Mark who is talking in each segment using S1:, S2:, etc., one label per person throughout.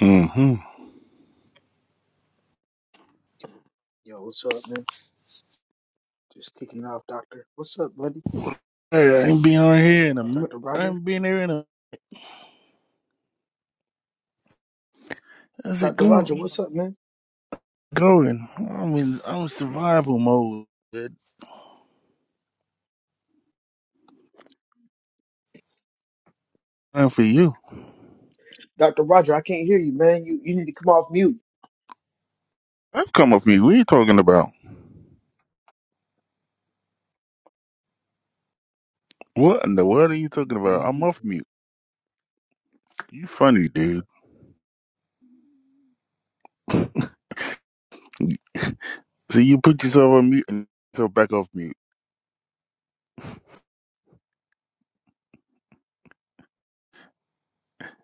S1: Mm-hmm.
S2: Yo, what's up, man? Just kicking it off, Doctor. What's up, buddy?
S1: Hey, I ain't been on here in a. mi-
S2: Dr.
S1: I
S2: Roger?
S1: ain't been here in a. How's it
S2: Dr. Roger,
S1: going?
S2: what's up, man?
S1: Going. I mean, I'm in survival mode. Good time for you.
S2: Dr. Roger, I can't hear you, man. You you need to come off mute.
S1: I'm come off mute. What are you talking about? What in the world are you talking about? I'm
S2: Mm,
S1: off
S2: mm.
S1: mute. You funny dude. See, you put yourself on mute and yourself back off mute.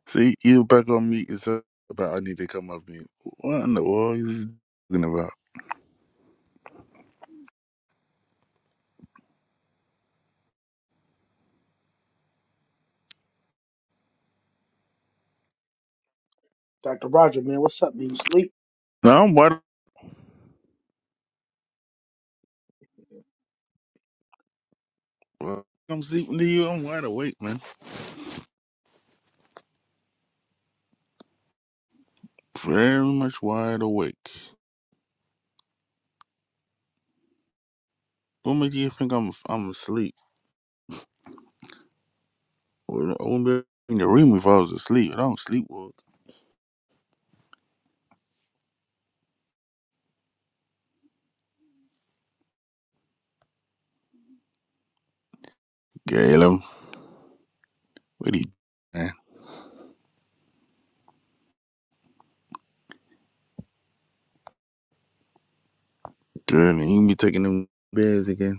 S1: See, you back on mute yourself about I need to come off mute. What in the world are you talking about?
S2: Dr. Roger, man, what's up, man? You sleep?
S1: Now I'm wide. I'm sleeping to you. I'm wide awake, man. Very much wide awake. What make you think I'm I'm asleep? Well, I wouldn't be in the room if I was asleep. I don't sleepwalk. Galen, what are you man? Girl, you be taking them beds again.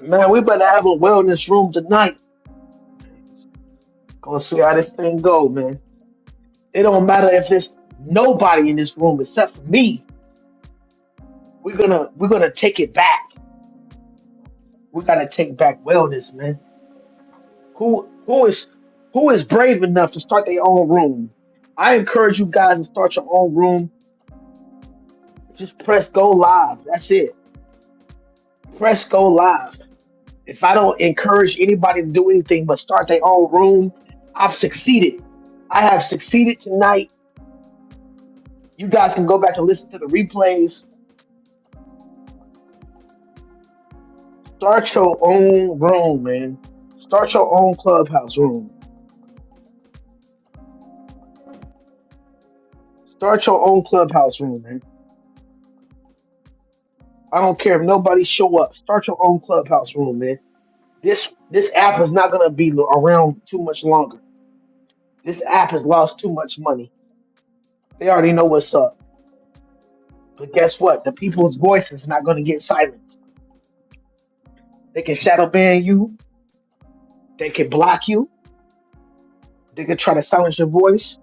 S2: Man, we better have a wellness room tonight. Gonna see how this thing go, man. It don't matter if there's nobody in this room except for me. We're gonna we're gonna take it back. We gotta take back wellness, man. Who who is who is brave enough to start their own room? I encourage you guys to start your own room Just press go live. That's it. Press go live. If I don't encourage anybody to do anything but start their own room, I've succeeded. I have succeeded tonight. You guys can go back and listen to the replays. Start your own room, man. Start your own clubhouse room. Start your own clubhouse room, man. I don't care if nobody show up. Start your own clubhouse room, man. This this app is not gonna be around too much longer. This app has lost too much money. They already know what's up. But guess what? The people's voice is not going to get silenced. They can shadow ban you. They can block you. They can try to silence your voice,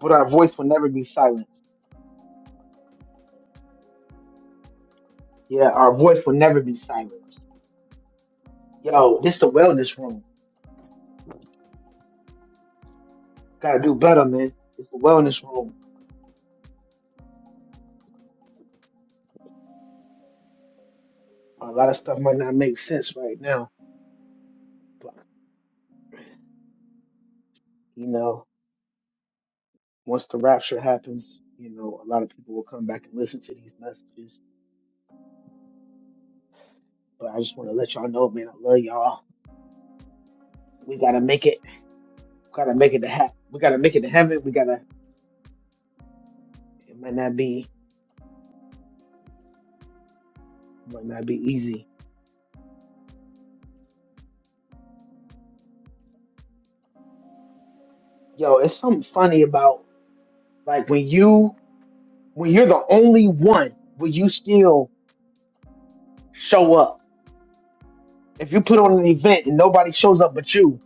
S2: but our voice will never be silenced. Yeah, our voice will never be silenced. Yo, this the wellness room. Gotta do better, man. It's the wellness room. A lot of stuff might not make sense right now, but you know, once the rapture happens, you know, a lot of people will come back and listen to these messages. But I just want to let y'all know, man, I love y'all. We gotta make it. We Gotta make it to ha- We gotta make it to heaven. We gotta It might not be might not be easy. Yo, it's something funny about like when you when you're the only one, will you still show up? If you put on an event and nobody shows up but you,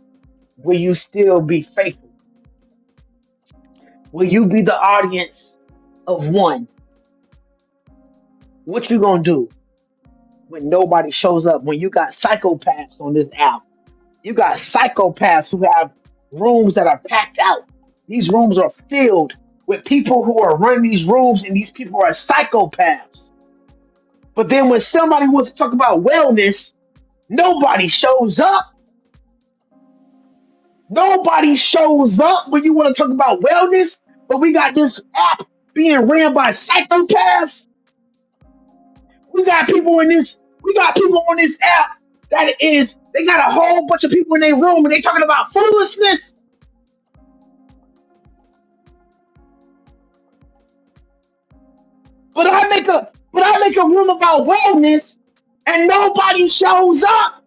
S2: will you still be faithful? Will you be the audience of one? What you gonna do when nobody shows up? When you got psychopaths on this app? You got psychopaths who have rooms that are packed out. These rooms are filled with people who are running these rooms, and these people are psychopaths. But then when somebody wants to talk about wellness, nobody shows up. Nobody shows up when you want to talk about wellness. But we got this app being ran by psychopaths. We got people in this. We got people on this app that is. They got a whole bunch of people in their room, and they talking about foolishness. But I make a but I make a room about wellness and nobody shows up.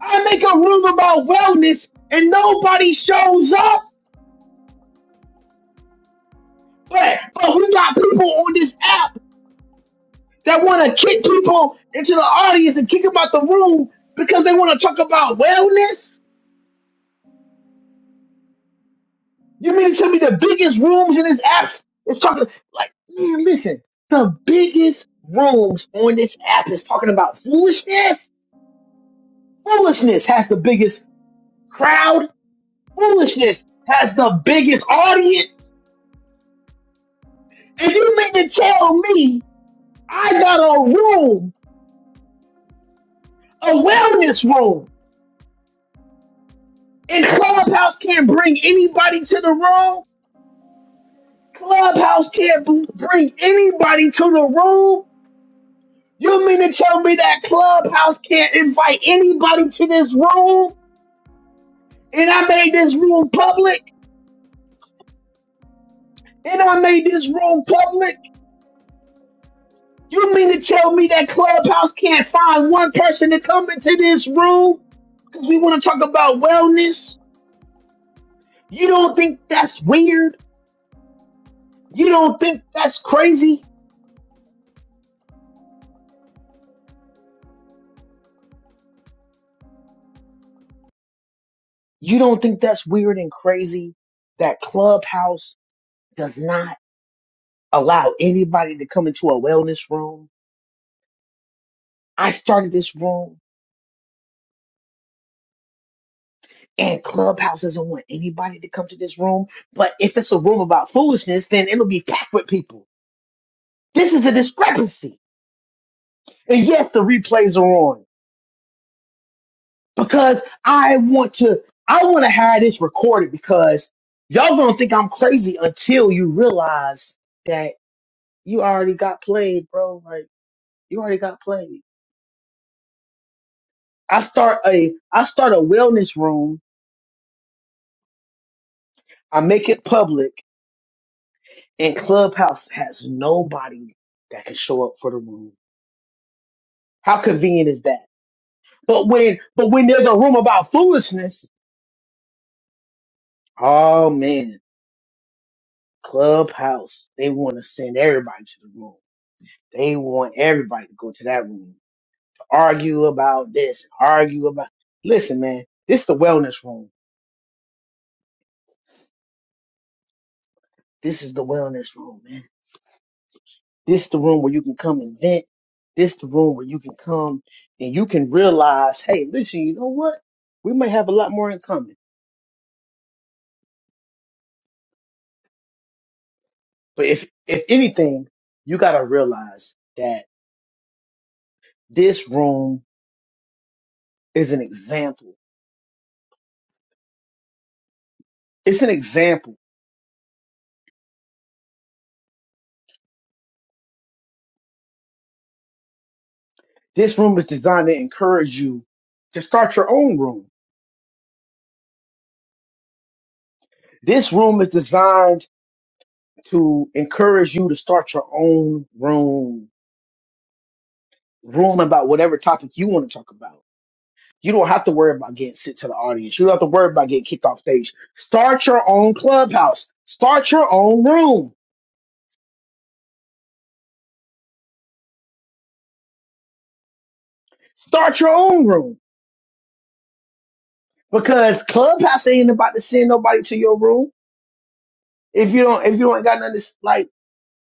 S2: I make a room about wellness and nobody shows up. But but we got people on this app that want to kick people into the audience and kick them out the room because they want to talk about wellness. You mean to tell me the biggest rooms in this app is talking like man? Listen, the biggest rooms on this app is talking about foolishness. Foolishness has the biggest crowd Foolishness has the biggest audience. And you mean to tell me I got a room, a wellness room, and Clubhouse can't bring anybody to the room? Clubhouse can't b- bring anybody to the room? You mean to tell me that Clubhouse can't invite anybody to this room? And I made this room public? And I made this room public? You mean to tell me that Clubhouse can't find one person to come into this room? we want to talk about wellness. You don't think that's weird? You don't think that's crazy? You don't think that's weird and crazy that Clubhouse does not allow anybody to come into a wellness room? I started this room and Clubhouse doesn't want anybody to come to this room. But if it's a room about foolishness, then it'll be packed with people. This is a discrepancy. And yes, the replays are on. because I want to I want to have this recorded because y'all gonna think I'm crazy until you realize that you already got played, bro. Like you already got played. I start a I start a wellness room. I make it public, and Clubhouse has nobody that can show up for the room. How convenient is that? But when but when there's a room about foolishness, oh man, Clubhouse they want to send everybody to the room. They want everybody to go to that room to argue about this, argue about. Listen, man, this is the wellness room. This is the wellness room, man. This is the room where you can come and vent. This is the room where you can come and you can realize, hey, listen, you know what? We might have a lot more in common. But if if anything, you gotta realize that this room is an example. It's an example. This room is designed to encourage you to start your own room. This room is designed to encourage you to start your own room, room about whatever topic you want to talk about. You don't have to worry about getting sent to the audience. You don't have to worry about getting kicked off stage. Start your own clubhouse. Start your own room. Start your own room because clubhouse ain't about to send nobody to your room if you don't if you don't got nothing to, s- like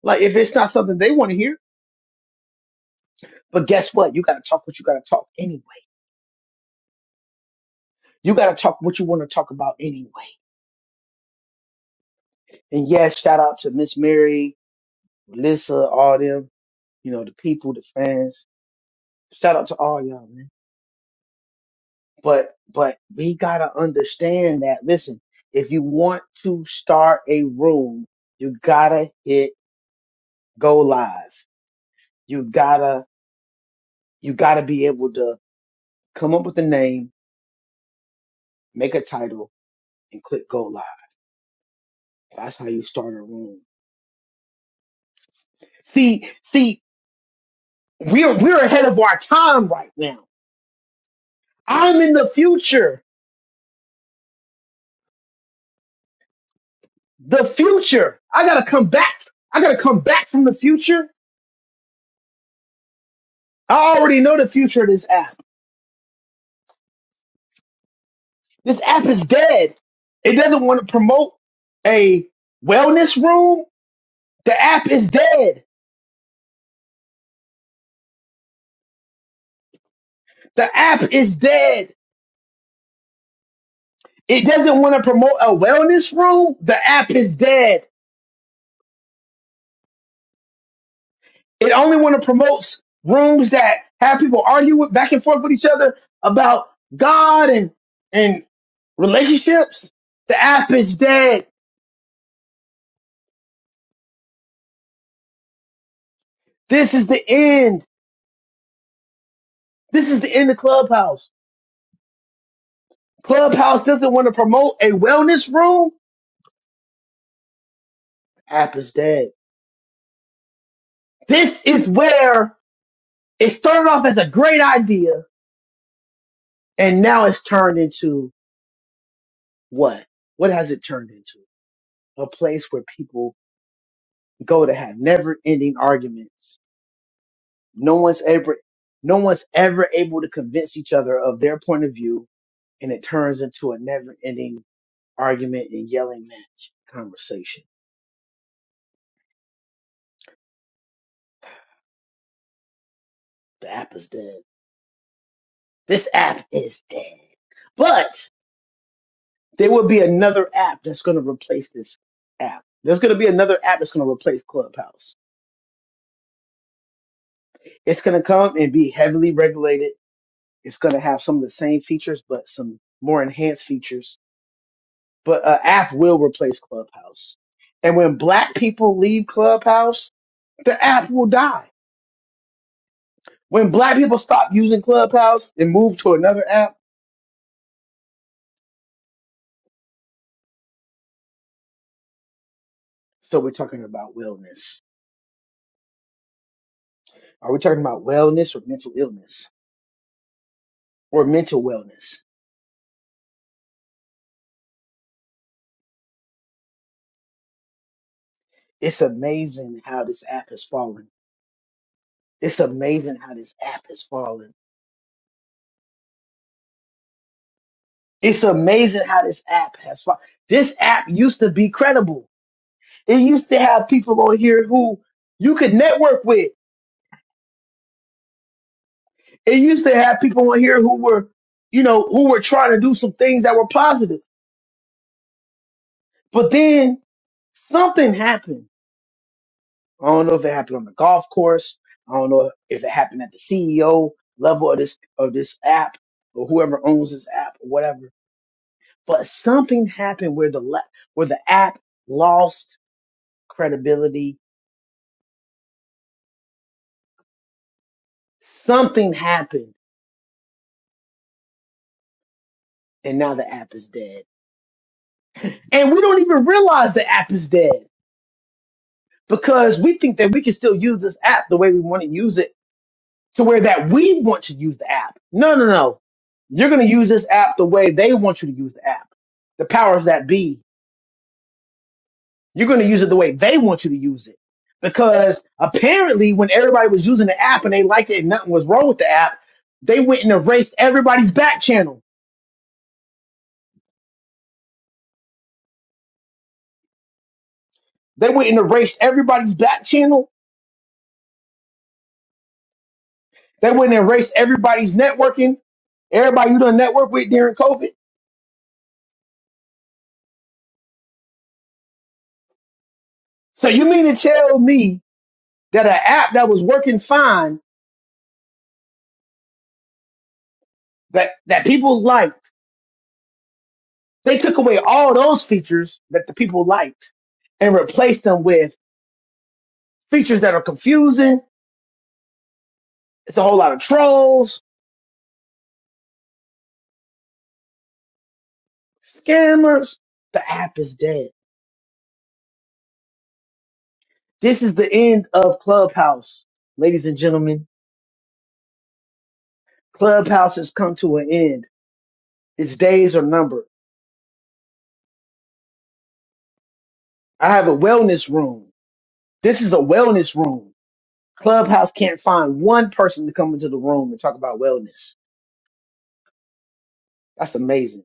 S2: like if it's not something they want to hear. But guess what? You got to talk what you got to talk anyway. You got to talk what you want to talk about anyway. And yes, shout out to Miss Mary Melissa, all them, you know, the people, the fans. Shout out to all y'all, man. But but we gotta understand that. Listen, if you want to start a room, you gotta hit go live. You gotta you gotta be able to come up with a name, make a title, and click go live. That's how you start a room. See, see, we're we're ahead of our time right now. I'm in the future. the future. I gotta come back. I gotta come back from the future. I already know the future of this app. This app is dead. It doesn't want to promote a wellness room. The app is dead. The app is dead. It doesn't want to promote a wellness room. The app is dead. It only want to promote rooms that have people argue with back and forth with each other about God and and relationships. The app is dead. This is the end. This is the end of Clubhouse. Clubhouse doesn't want to promote a wellness room. App is dead. This is where it started off as a great idea and now it's turned into what? What has it turned into? A place where people go to have never ending arguments. No one's ever, no one's ever able to convince each other of their point of view and it turns into a never ending argument and yelling match conversation. The app is dead. This app is dead. But there will be another app that's going to replace this app. There's going to be another app that's going to replace Clubhouse. It's going to come and be heavily regulated. It's going to have some of the same features, but some more enhanced features. But an app will replace Clubhouse. And when black people leave Clubhouse, the app will die. When black people stop using Clubhouse and move to another app, so we're talking about wellness. Are we talking about wellness or mental illness or mental wellness? It's amazing how this app has fallen. It's amazing how this app has fallen. It's amazing how this app has fallen. This app used to be credible. It used to have people on here who you could network with. It used to have people on here who were, you know, who were trying to do some things that were positive. But then something happened. I don't know if it happened on the golf course. I don't know if it happened at the CEO level of this of this app or whoever owns this app or whatever but something happened where the la- where the app lost credibility. Something happened, and now the app is dead. And we don't even realize the app is dead because we think that we can still use this app the way we want to use it, to where that we want to use the app. No, no, no. You're going to use this app the way they want you to use the app. The powers that be You're going to use it the way they want you to use it. Because apparently, when everybody was using the app and they liked it and nothing was wrong with the app, they went and erased everybody's back channel. They went and erased everybody's back channel. They went and erased everybody's networking, everybody you done network with during COVID. So you mean to tell me that an app that was working fine, that, that people liked, they took away all those features that the people liked and replaced them with features that are confusing. It's a whole lot of trolls. Scammers. The app is dead. This is the end of Clubhouse, ladies and gentlemen. Clubhouse has come to an end. Its days are numbered. I have a wellness room. This is a wellness room. Clubhouse can't find one person to come into the room and talk about wellness. That's amazing.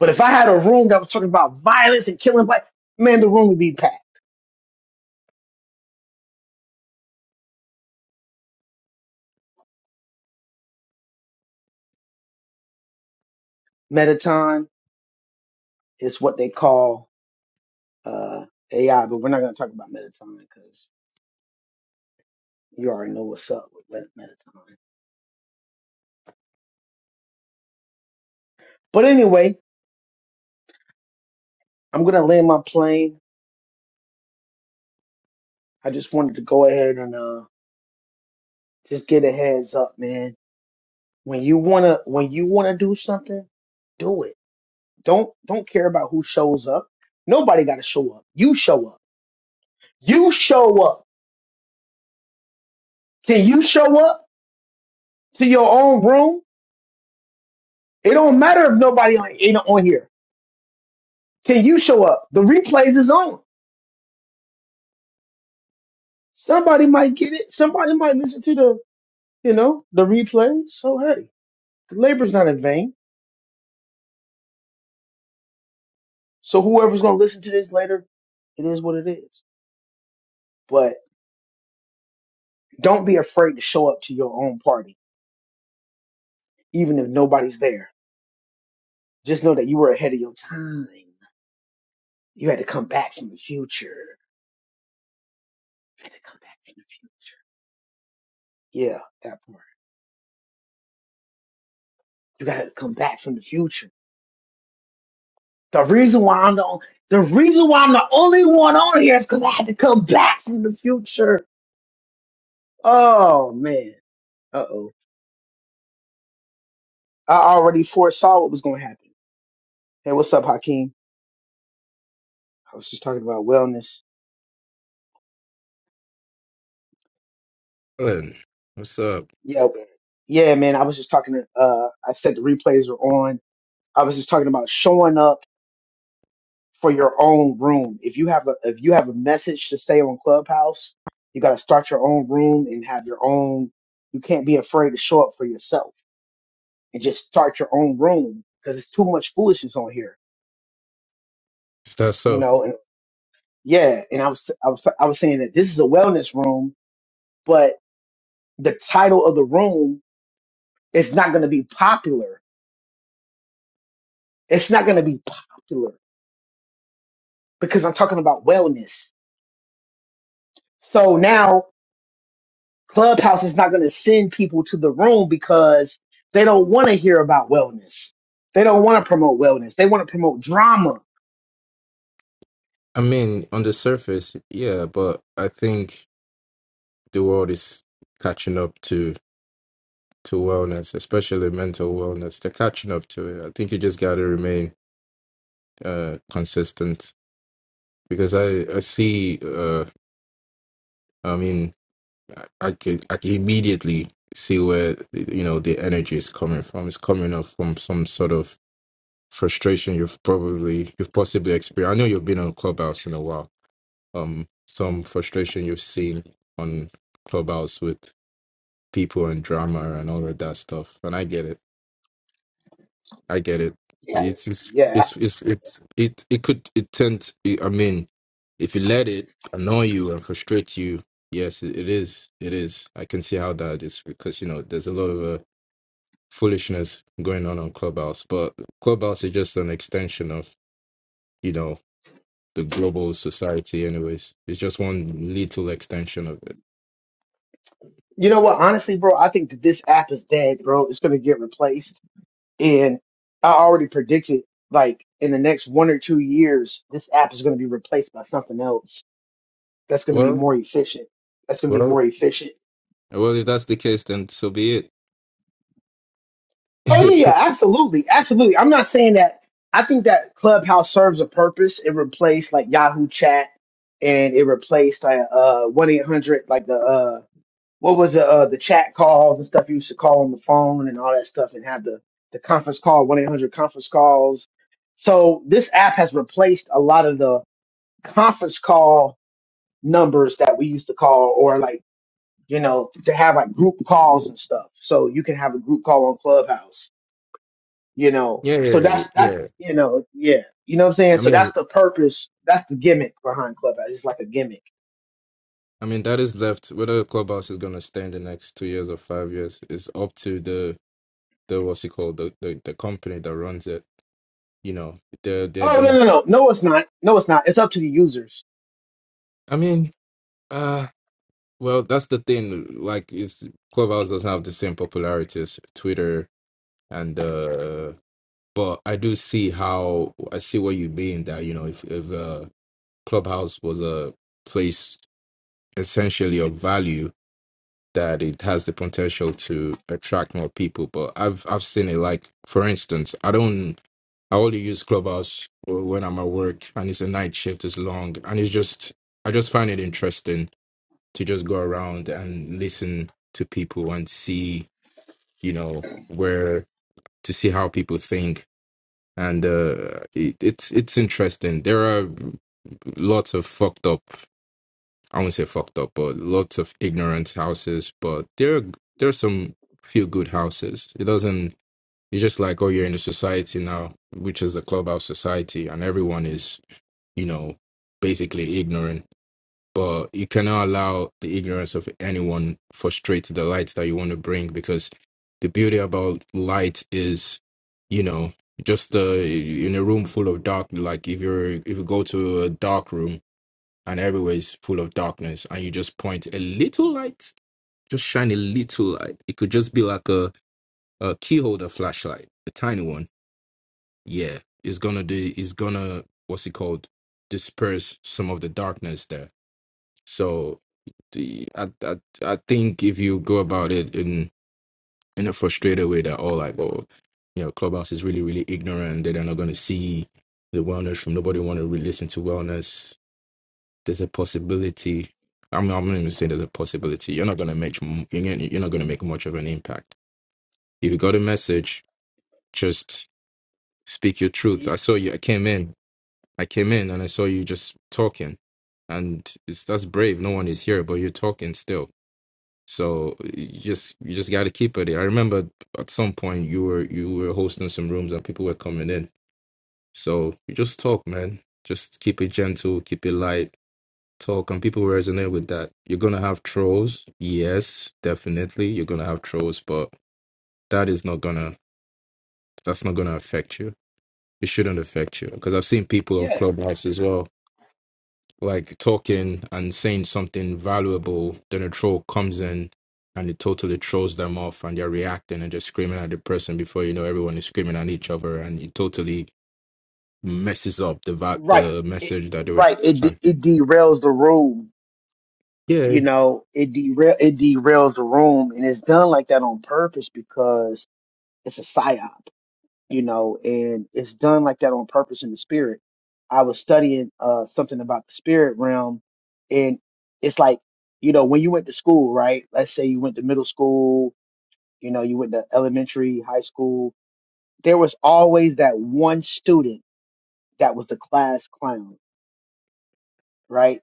S2: But if I had a room that was talking about violence and killing black, man, the room would be packed. Metaton is what they call uh, AI, but we're not going to talk about Metaton because you already know what's up with Met- Metaton. But anyway, I'm gonna land my plane. I just wanted to go ahead and uh just get a heads up, man. When you wanna when you wanna do something, do it. Don't don't care about who shows up. Nobody gotta show up. You show up. You show up. Can you show up to your own room? It don't matter if nobody on ain't on here. Can you show up? The replays is on. Somebody might get it. Somebody might listen to the you know the replays. So hey, the labor's not in vain So whoever's gonna listen to this later, it is what it is. But don't be afraid to show up to your own party, even if nobody's there. Just know that you were ahead of your time. You had to come back from the future. You had to come back from the future. Yeah, that part. You gotta come back from the future. The reason why I'm the on- the reason why I'm the only one on here is because I had to come back from the future. Oh man. Uh oh. I already foresaw what was gonna happen. Hey, what's up, Hakeem? I was just talking about wellness
S3: Good. What's up?
S2: Yeah, man. yeah, man. I was just talking to. Uh, I said the replays were on. I was just talking about showing up for your own room. If you have a if you have a message to say on Clubhouse, you got to start your own room and have your own. You can't be afraid to show up for yourself and just start your own room because it's too much foolishness on here,
S3: Is that
S2: you
S3: so?
S2: know. And yeah, and I was I was I was saying that this is a wellness room, but the title of the room is not going to be popular. It's not going to be popular because I'm talking about wellness. So now Clubhouse is not going to send people to the room because they don't want to hear about wellness. They don't want to promote wellness. They want to promote drama.
S3: I mean, on the surface, yeah, but I think the world is catching up to to wellness, especially mental wellness. They're catching up to it. I think you just got to remain uh consistent because I I see uh I mean I, I can I can immediately see where you know the energy is coming from. It's coming up from some sort of frustration you've probably you've possibly experienced. I know you've been on Clubhouse in a while um some frustration you've seen on Clubhouse with people and drama and all of that stuff. And I get it. I get it.
S2: Yeah.
S3: It's it's
S2: Yeah.
S3: it's it's, it's it it could it tend. I mean, if you let it annoy you and frustrate you, yes, it, it is. It is. I can see how that is because you know there's a lot of uh, foolishness going on on Clubhouse, but Clubhouse is just an extension of you know the global society. Anyways, it's just one little extension of it.
S2: You know what? Honestly, bro, I think that this app is dead, bro. It's going to get replaced. And I already predicted, like, in the next one or two years, this app is going to be replaced by something else that's going to be
S3: Well.
S2: more efficient. That's going to be
S3: Well,
S2: more efficient.
S3: well, if that's the case, then so be it.
S2: Oh yeah, yeah, absolutely, absolutely. I'm not saying that. I think that Clubhouse serves a purpose. It replaced like Yahoo Chat, and it replaced like uh one eight hundred, like the uh what was the uh the chat calls and stuff you used to call on the phone and all that stuff, and have the the conference call one eight hundred conference calls. So this app has replaced a lot of the conference call numbers that we used to call, or like you know to have like group calls and stuff. So you can have a group call on Clubhouse you know.
S3: yeah,
S2: So
S3: yeah, yeah.
S2: that's that's
S3: yeah.
S2: you know, yeah. You know what I'm saying?
S3: I
S2: So that's
S3: mean,
S2: the purpose, that's the gimmick behind Clubhouse. It's like a gimmick.
S3: I mean that is left. Whether the clubhouse is gonna stay in the next two years or five years is up to the the what's it called the the, the company that runs it. You know, they're they're
S2: Oh no
S3: gonna.
S2: no no. No it's not. No it's not. It's up to the users.
S3: I mean, uh, well, that's the thing. Like, it's clubhouse doesn't have the same popularity as Twitter and uh, but I do see how I see what you mean that you know if if uh clubhouse was a place essentially of value that it has the potential to attract more people. But I've I've seen it like for instance, I don't I only use Clubhouse when I'm at work and it's a night shift, it's long and it's just I just find it interesting to just go around and listen to people and see, you know, where to see how people think. And uh, it, it's it's interesting. There are lots of fucked up I won't say fucked up, but lots of ignorant houses. But there there's some few good houses. It doesn't it's just like, oh, you're in the society now, which is the clubhouse society, and everyone is, you know, basically ignorant. But you cannot allow the ignorance of anyone frustrate the light that you want to bring because the beauty about light is, you know, just uh, in a room full of dark. Like if you're if you go to a dark room, and everywhere is full of darkness and you just point a little light just shine a little light it could just be like a, a key holder flashlight a tiny one yeah it's gonna do it's gonna what's it called disperse some of the darkness there so the, I, I, I think if you go about it in in a frustrated way that all like oh you know clubhouse is really really ignorant they're not gonna see the wellness from nobody want to re- listen to wellness there's a possibility. I'm, I'm not even saying there's a possibility. You're not going to make m- you're gonna- you're not going to make much of an impact. If you got a message, just speak your truth.
S2: Y-
S3: I saw you. I came in. I came in and I saw you just talking, and it's, that's brave. No one is here, but you're talking still. So you just you just got to keep at it. I remember at some point you were you were hosting some rooms and people were coming in. So you just talk, man. Just keep it gentle, keep it light talk and people resonate with that. You're gonna have trolls, yes, definitely. You're gonna have trolls, but that is not gonna that's not gonna affect you. It shouldn't affect you because I've seen people on
S2: Yeah.
S3: Clubhouse as well, like talking and saying something valuable. Then a troll comes in and it totally throws them off, and they're reacting and just screaming at the person. Before you know, everyone is screaming at each other, and it totally messes up the va-
S2: Right.
S3: the
S2: It,
S3: message that they were
S2: right. It de-
S3: trying.
S2: it derails the room.
S3: Yeah,
S2: You know, it derail it derails the room and it's done like that on purpose because it's a psyop. you know, and it's done like that on purpose in the spirit. I was studying uh something about the spirit realm and it's like, you know, when you went to school, right? Let's say you went to middle school, you know, you went to elementary, high school, there was always that one student that was the class clown, right?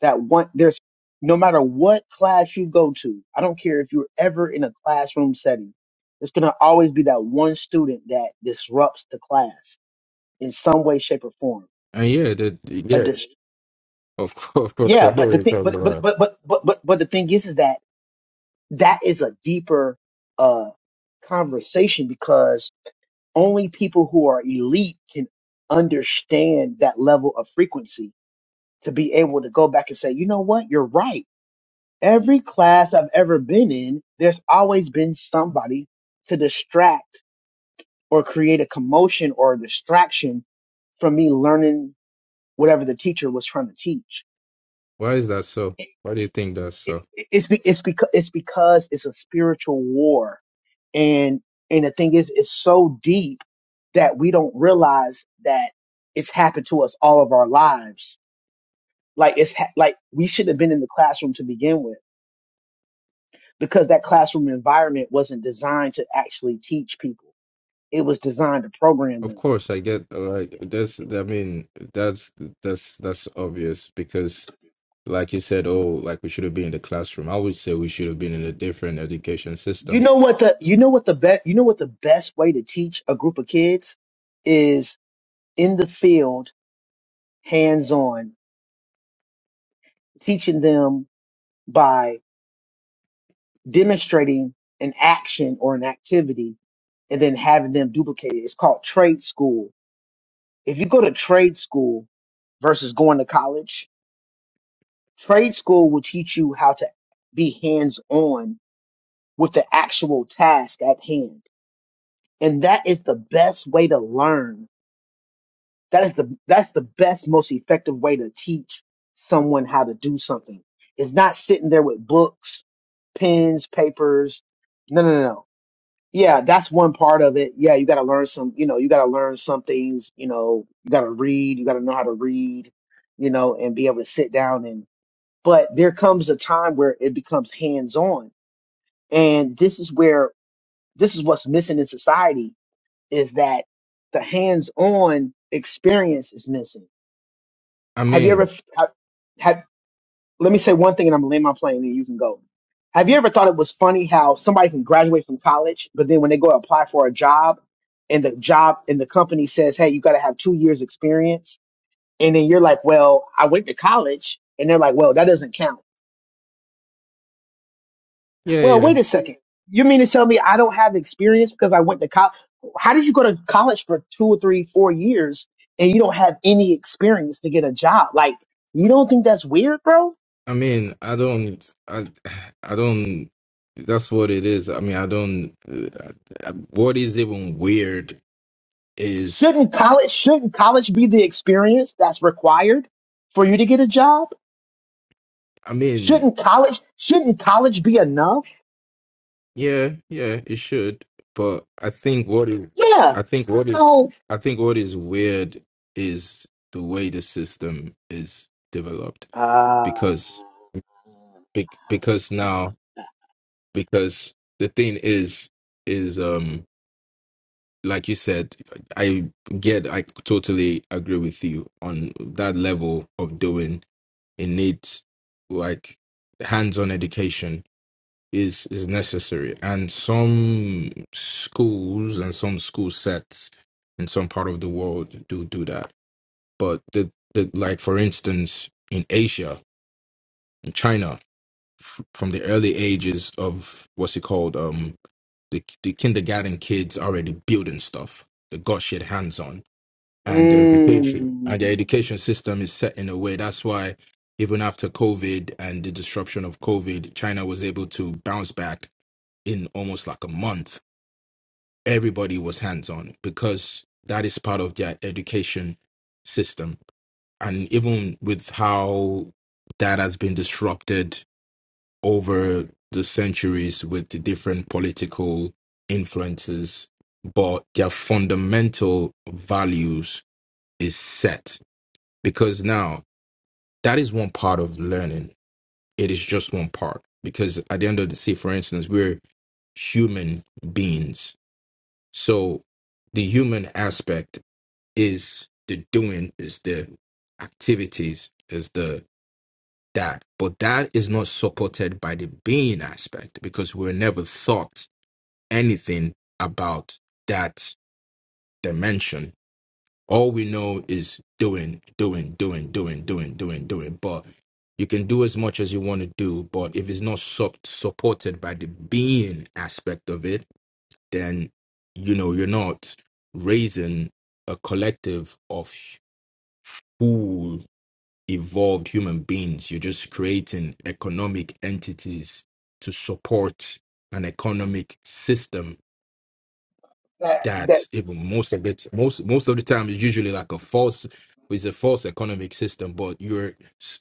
S2: That one there's no matter what class you go to, I don't care if you're ever in a classroom setting, there's gonna always be that one student that disrupts the class in some way, shape, or form.
S3: and yeah, the
S2: A
S3: yeah
S2: dis-
S3: Of course, of course, I
S2: yeah,
S3: know
S2: but
S3: what
S2: the
S3: you're
S2: thing,
S3: talking
S2: but but
S3: about.
S2: but but but but but the thing is, is that that is a deeper uh conversation because only people who are elite can understand that level of frequency to be able to go back and say, you know what, you're right. Every class I've ever been in, there's always been somebody to distract or create a commotion or a distraction from me learning whatever the teacher was trying to teach
S3: Why is that so? Why do you think that's
S2: it,
S3: so?
S2: it's be, it's because it's because it's a spiritual war, and and the thing is, it's so deep that we don't realize that it's happened to us all of our lives. Like it's ha- like we should have been in the classroom to begin with, because that classroom environment wasn't designed to actually teach people. It was designed to program
S3: Of
S2: them.
S3: course, I get like that's. I mean, that's that's that's obvious because, like you said, oh, like we should have been in the classroom. I would say we should have been in a different education
S2: You
S3: system.
S2: know what the you know what the best you know what the best way to teach a group of kids is in the field, hands on, teaching them by demonstrating an action or an activity and then having them duplicate it. It's called trade school. If you go to trade school versus going to college, trade school will teach you how to be hands on with the actual task at hand. And that is the best way to learn. That is the, that's the best, most effective way to teach someone how to do something. It's not sitting there with books, pens, papers. No, no, no. no. yeah, that's one part of it. Yeah, you got to learn some, you know, you got to learn some things, you know, you got to read, you got to know how to read, you know, and be able to sit down and, but there comes a time where it becomes hands on. And this is where, this is what's missing in society is that the hands on experience is missing.
S3: I
S2: Have you
S3: mean,
S2: ever, have, let me say one thing and I'm gonna land my plane and you can go. Have you ever thought it was funny how somebody can graduate from college, but then when they go apply for a job and the job and the company says, Hey, you gotta have two years experience and then you're like, Well, I went to college and they're like, Well, that doesn't count.
S3: yeah,
S2: Well,
S3: yeah.
S2: wait a second. You mean to tell me I don't have experience because I went to college? How did you go to college for two or three, four years and you don't have any experience to get a job? Like, you don't think that's weird, bro?
S3: I mean, I don't, I, I don't. That's what it is. I mean, I don't. Uh, I- what is even weird is,
S2: Shouldn't college shouldn't college be the experience that's required for you to get a job?
S3: I mean,
S2: Shouldn't college shouldn't college be enough?
S3: Yeah, yeah, it should. But I think what is,
S2: Yeah.
S3: I think what is,
S2: So
S3: I think what is weird is the way the system is developed
S2: uh
S3: because bec- because now because the thing is is um like you said I get I totally agree with you on that level of doing it needs like hands-on education is is necessary and some schools and some school sets in some part of the world do do that but the, the like for instance in asia in china f- from the early ages of what's it called um the, the kindergarten kids already building stuff they got shit hands on and their education
S2: mm,
S3: and the education system is set in a way that's why even after covid and the disruption of covid china was able to bounce back in almost like a month everybody was hands on because that is part of their education system and even with how that has been disrupted over the centuries with the different political influences but their fundamental values is set because now that is one part of learning it is just one part because at the end of the day for instance we're human beings so the human aspect is the doing is the activities is the that but that is not supported by the being aspect because we're never thought anything about that dimension All we know is doing, doing, doing, doing, doing, doing, doing. But you can do as much as you want to do, but if it's not sup- supported by the being aspect of it, then you know you're not raising a collective of cool, evolved human beings. You're just creating economic entities to support an economic system
S2: that that
S3: that even most of it most most of the time is usually like a false is a false economic system but you're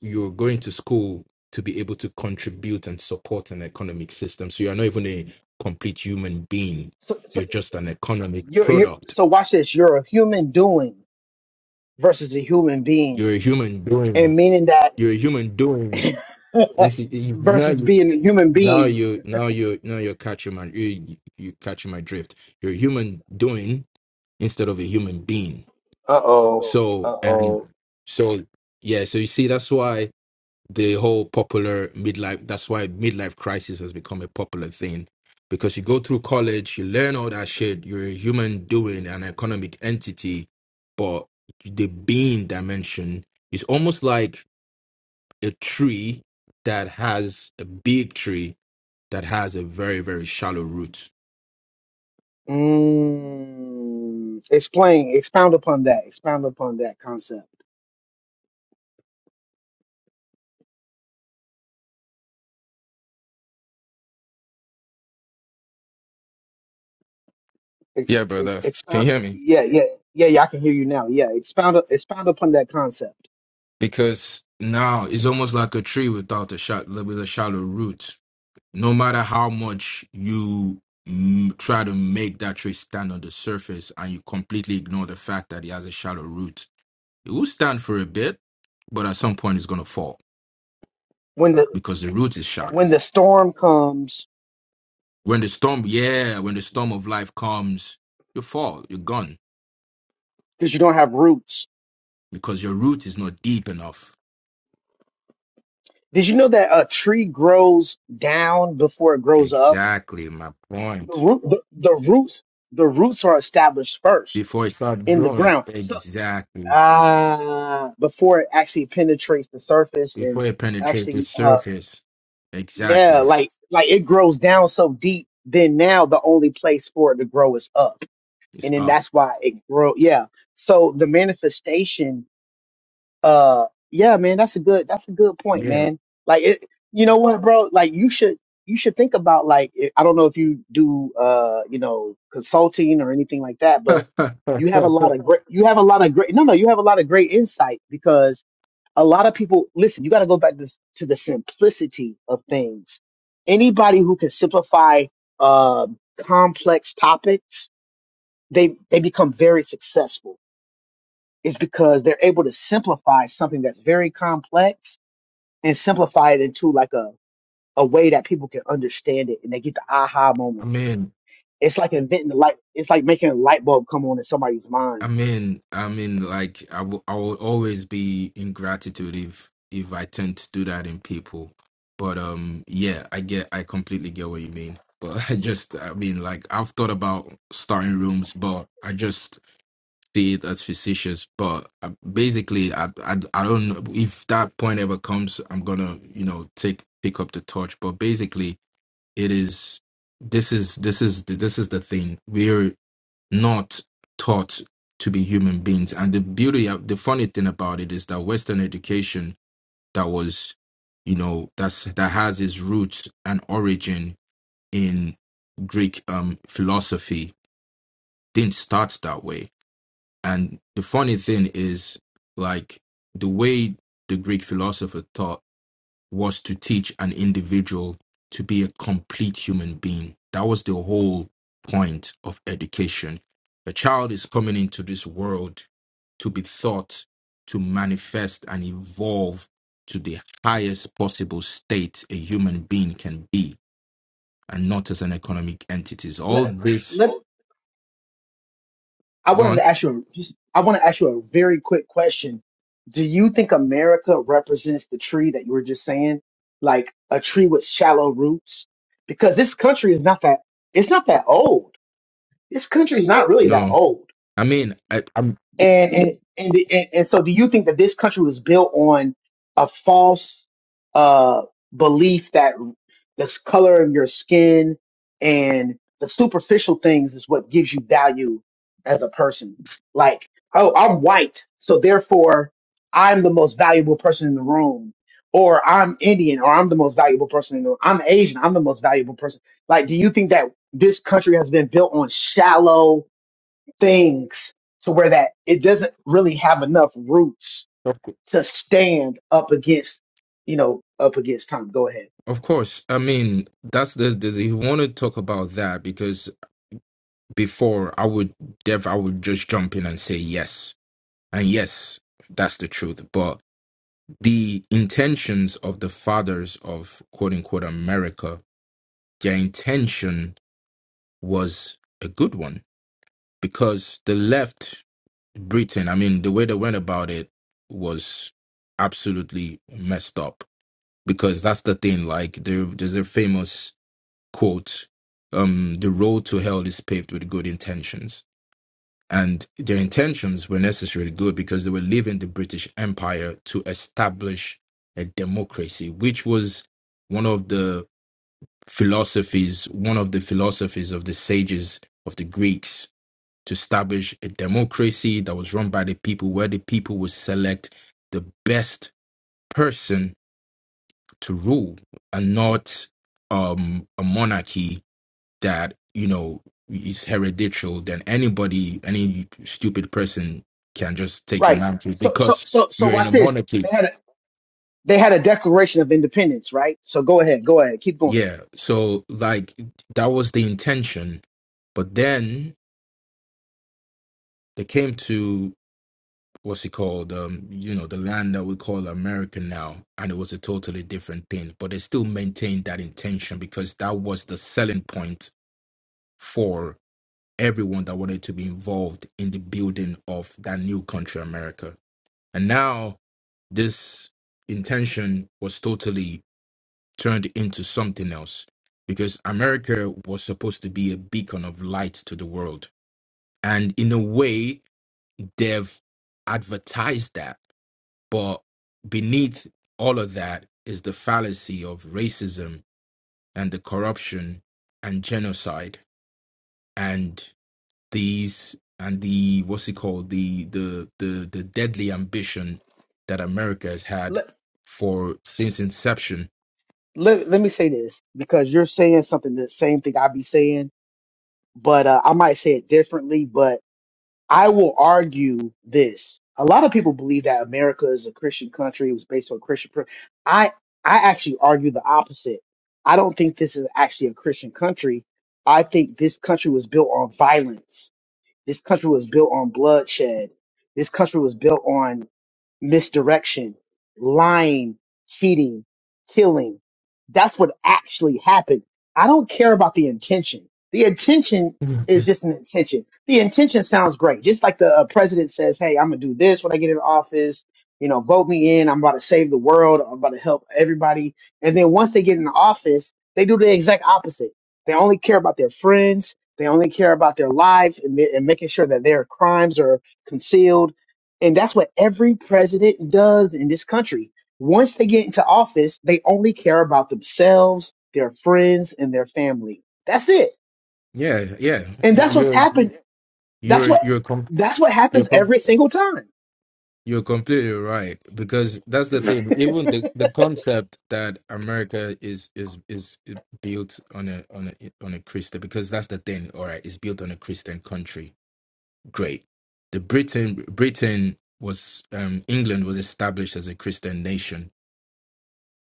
S3: you're going to school to be able to contribute and support an economic system so you're not even a complete human being
S2: so, so
S3: you're just an economic
S2: you're, you're
S3: product
S2: so watch this. You're a human doing versus a human being,
S3: you're a human doing
S2: and meaning that
S3: you're a human doing Insti- you- now
S2: versus
S3: you
S2: being a human
S3: now
S2: being.
S3: you now you now you're catching my you, you catching my drift you're a human doing instead of a human being
S2: Uh oh. Uh
S3: So and
S2: oh.
S3: so yeah, so you see that's why the whole popular midlife that's why midlife crisis has become a popular thing because you go through college, you learn all that shit, you're a human doing an economic entity, but the being dimension is almost like a tree that has a big tree that has a very very shallow root.
S2: Mm, explain, expound upon that. Expound upon that concept. Ex,
S3: Yeah,
S2: ex,
S3: brother. Can
S2: expound.
S3: you hear me?
S2: Yeah, yeah, yeah, yeah. I can hear you now. Yeah, expound, expound upon that concept.
S3: Because now it's almost like a tree without a shot with a shallow root no matter how much you mm, try to make that tree stand on the surface and you completely ignore the fact that it has a shallow root, it will stand for a bit, but at some point it's going to fall
S2: When the
S3: because the root is shallow.
S2: when the storm comes,
S3: When the storm, yeah, when the storm of life comes, you fall, you're gone
S2: because you don't have roots.
S3: because your root is not deep enough.
S2: Did you know that a tree grows down before it grows up?
S3: Exactly my
S2: The
S3: point.
S2: root, the, the roots, the roots are established first
S3: Before it starts
S2: in the
S3: growing,
S2: ground. So,
S3: exactly.
S2: ah, before it actually penetrates the surface and
S3: Before it penetrates the
S2: actually uh,
S3: surface,
S2: Yeah,
S3: exactly.
S2: like like it grows down so deep. Then now the only place for it to grow is up,
S3: It's
S2: and then
S3: up.
S2: that's why it grow. Yeah. So the manifestation. Uh, yeah, man, that's a good that's a good point,
S3: Yeah.
S2: man. Like it, you know what, bro? Like you should you should think about like it- I don't know if you do uh you know consulting or anything like that, but
S3: I'm
S2: you have a lot of great you have a lot of great no no you have a lot of great insight because a lot of people listen you got to go back to, to the simplicity of things anybody who can simplify um complex topics they they become very successful it's because they're able to simplify something that's very complex and simplify it into like a a way that people can understand it and they get the aha moment
S3: in.
S2: it's like inventing the light it's like making a light bulb come on in somebody's mind
S3: I'm in. I'm in. Like I will. I will always be in gratitude if if I tend to do that in people. But um, yeah, I get. I completely get what you mean. But I just. I mean, like I've thought about starting rooms, but I just see it as facetious. But uh, basically, I, I I don't know if that point ever comes. I'm gonna you know take pick up the torch. But basically, it is. This is this is the, this is the thing. We're not taught to be human beings. And the beauty of the funny thing about it is that Western education that was, you know, that's that has its roots and origin in Greek um philosophy didn't start that way. And the funny thing is like the way the Greek philosopher thought was to teach an individual to be a complete human being. That was the whole point of education. A child is coming into this world to be taught to manifest and evolve to the highest possible state a human being can be and not as an economic entity. All
S2: Let
S3: this
S2: let. I wanted
S3: gone?
S2: to ask you. I want to ask you a very quick question. Do you think America represents the tree that you were just saying, like a tree with shallow roots? Because this country is not that. It's not that old. This country is not really that
S3: No.
S2: old.
S3: I mean, I, I'm
S2: And and and, and, and so, do you think that this country was built on a false uh, belief that the color of your skin and the superficial things is what gives you value as a person? Like, oh, I'm white, so therefore I'm the most valuable person in the room. Or I'm Indian, or I'm the most valuable person in the room. I'm Asian, I'm the most valuable person. Like, do you think that this country has been built on shallow? things to where that it doesn't really have enough roots
S3: of, cou-
S2: to stand up against, you know, up against time. Go ahead.
S3: of course. I mean, that's the, the, the you want to talk about that because before I would def I would just jump in and say yes. And yes, that's the truth. But the intentions of the fathers of quote unquote America, their intention was a good one because the left Britain, I mean, the way they went about it was absolutely messed up because that's the thing. Like there, there's a famous quote, um, "The road to hell is paved with good intentions." And their intentions were necessarily good because they were leaving the British Empire to establish a democracy, which was one of the philosophies, one of the philosophies of the sages of the Greeks to establish a democracy that was run by the people, where the people would select the best person to rule and not um, a monarchy that you know is hereditary then anybody any stupid person can just take the
S2: Right.
S3: mantle
S2: So so
S3: because
S2: so so
S3: you're in
S2: watch
S3: a
S2: this.
S3: monarchy
S2: They had a they had a Declaration of Independence, right? So go ahead, go ahead, keep going.
S3: yeah so like that was the intention but then they came to what's it called um you know the land that we call america now and it was a totally different thing but they still maintained that intention because that was the selling point for everyone that wanted to be involved in the building of that new country america And now this intention was totally turned into something else because America was supposed to be a beacon of light to the world. And in a way, they've advertised that. But beneath all of that is the fallacy of racism and the corruption and genocide. these and the what's it called the the the the deadly ambition that America has had
S2: Let
S3: for since inception.
S2: let, let me say this because you're saying something the same thing I be saying, but uh, I might say it differently. But I will argue this. A lot of people believe that America is a Christian country. It was based on Christian. pr- I I actually argue the opposite. I don't think this is actually a Christian country. I think this country was built on violence. This country was built on bloodshed. This country was built on misdirection, lying, cheating, killing. That's what actually happened. I don't care about the intention. The intention is
S3: Mhm.
S2: just an intention. The intention sounds great. Just like the uh, president says, hey, I'm going to do this when I get in office. You know, vote me in. I'm about to save the world. I'm about to help everybody. And then once they get in office, they do the exact opposite. They only care about their friends. They only care about their lives and, their- and making sure that their crimes are concealed and that's what every president does in this country. Once they get into office, they only care about themselves, their friends, and their family. That's it.
S3: Yeah, yeah,
S2: And
S3: you-
S2: that's what's
S3: you're
S2: happened. That's
S3: you're
S2: what
S3: you're com-
S2: that's what
S3: you're
S2: happens
S3: com-
S2: every single time.
S3: you're completely right because that's the thing. Even the, the concept that America is is is built on a on a on a Christian because that's the thing. All right, it's built on a Christian country great. The Britain Britain was um, England was established as a Christian nation,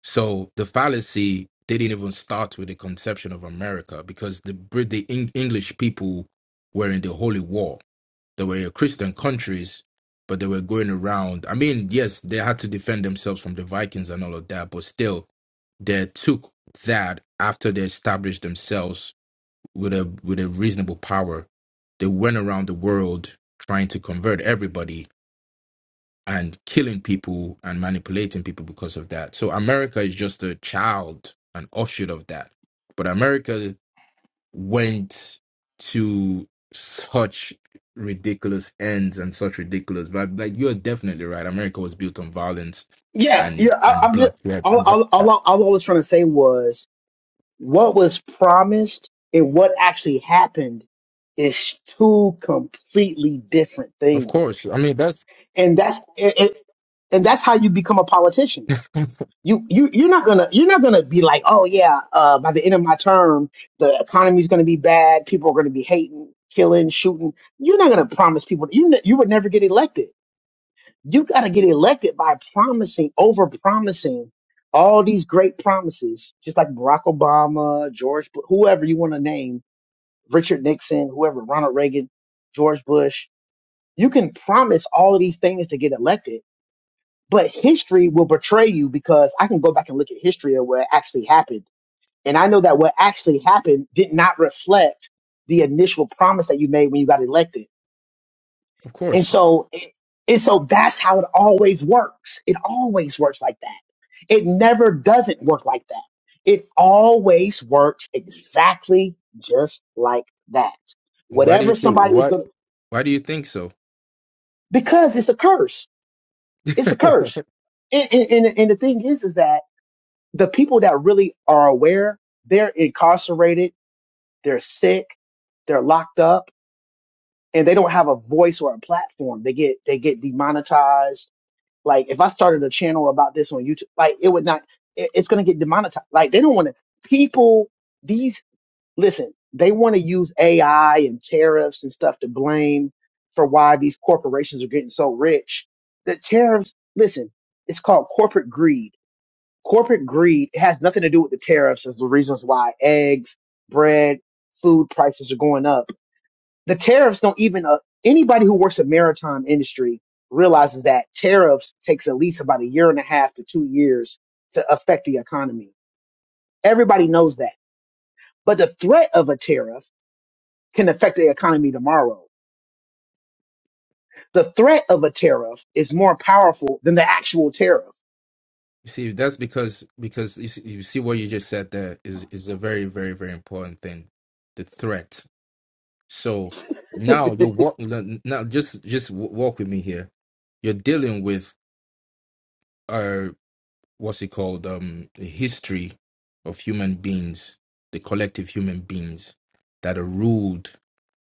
S3: so the fallacy didn't even start with the conception of America because the Brit the Eng- English people were in the Holy War. They were Christian countries, but they were going around. I mean, yes, they had to defend themselves from the Vikings and all of that, but still, they took that after they established themselves with a with a reasonable power, they went around the world trying to convert everybody and killing people and manipulating people because of that. So America is just a child, an offshoot of that. But America went to such ridiculous ends and such ridiculous vibe. Like you're definitely right. America was built on violence
S2: Yeah,
S3: and
S2: yeah. I,
S3: and
S2: I'm just
S3: bloodshed
S2: all,
S3: and all
S2: all, all,
S3: that.
S2: all I was trying to say was what was promised and what actually happened is two completely different
S3: Of
S2: things.
S3: course. I mean that's
S2: And that's it, it, and that's how you become a politician
S3: of
S2: you you you're not gonna you're not gonna be like, oh yeah, uh, by the end of my term, the economy's gonna be bad, people are gonna be hating, killing, shooting. You're not gonna promise people you ne- you would never get elected. You gotta get elected by promising, over promising all these great promises, just like Barack Obama, George, Bu- whoever you want to name, Richard Nixon, whoever, Ronald Reagan, George Bush. You can promise all of these things to get elected but history will betray you because I can go back and look at history of what actually happened. And I know that what actually happened did not reflect the initial promise that you made when you got elected. And
S3: course.
S2: so, it, and so that's how it always works. It always works like that. It never doesn't work like that. It always works exactly just like that.
S3: Why do you
S2: Whatever
S3: think what
S2: somebody is
S3: why
S2: going to,
S3: why do you think so?
S2: because it's a curse. It's a curse and, and, and, and the thing is, is that the people that really are aware, they're incarcerated, they're sick, they're locked up, and they don't have a voice or a platform. They get they get demonetized. Like if I started a channel about this on YouTube, like it would not, it- it's gonna get demonetized. Like they don't want to. People, these listen, they want to use AI and tariffs and stuff to blame for why these corporations are getting so rich. The tariffs, listen, it's called corporate greed corporate greed has nothing to do with the tariffs as the reasons why eggs, bread, food prices are going up. The tariffs don't even uh, anybody who works the maritime industry realizes that tariffs takes at least about a year and a half to two years to affect the economy. Everybody knows that. But the threat of a tariff can affect the economy tomorrow. The threat of a tariff is more powerful than the actual tariff.
S3: You see, that's because because you see, you see what you just said there is is a very very very important thing, the threat. So now you're walk now just just w- walk with me here. You're dealing with uh what's it called um the history of human beings, the collective human beings that are ruled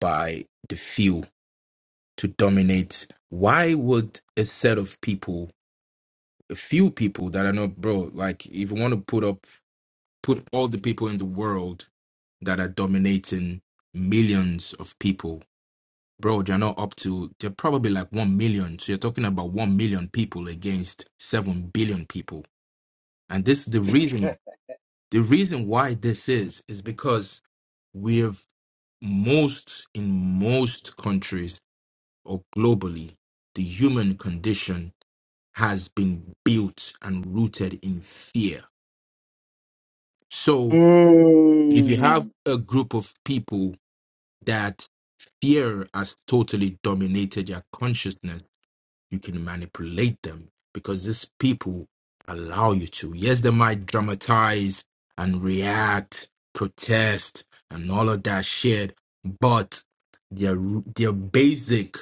S3: by the few to dominate. Why would a set of people, a few people that are not bro, like if you want to put up put all the people in the world that are dominating millions of people. Bro, they're not up to, they're probably like 1 million. So you're talking about 1 million people against 7 billion people. And this, the reason, the reason why this is, is because we have most, in most countries or globally, the human condition has been built and rooted in fear. So if you
S2: Mm.
S3: have a group of people, that fear has totally dominated their consciousness, you can manipulate them because these people allow you to. Yes, they might dramatize and react, protest, and all of that shit, but their their basic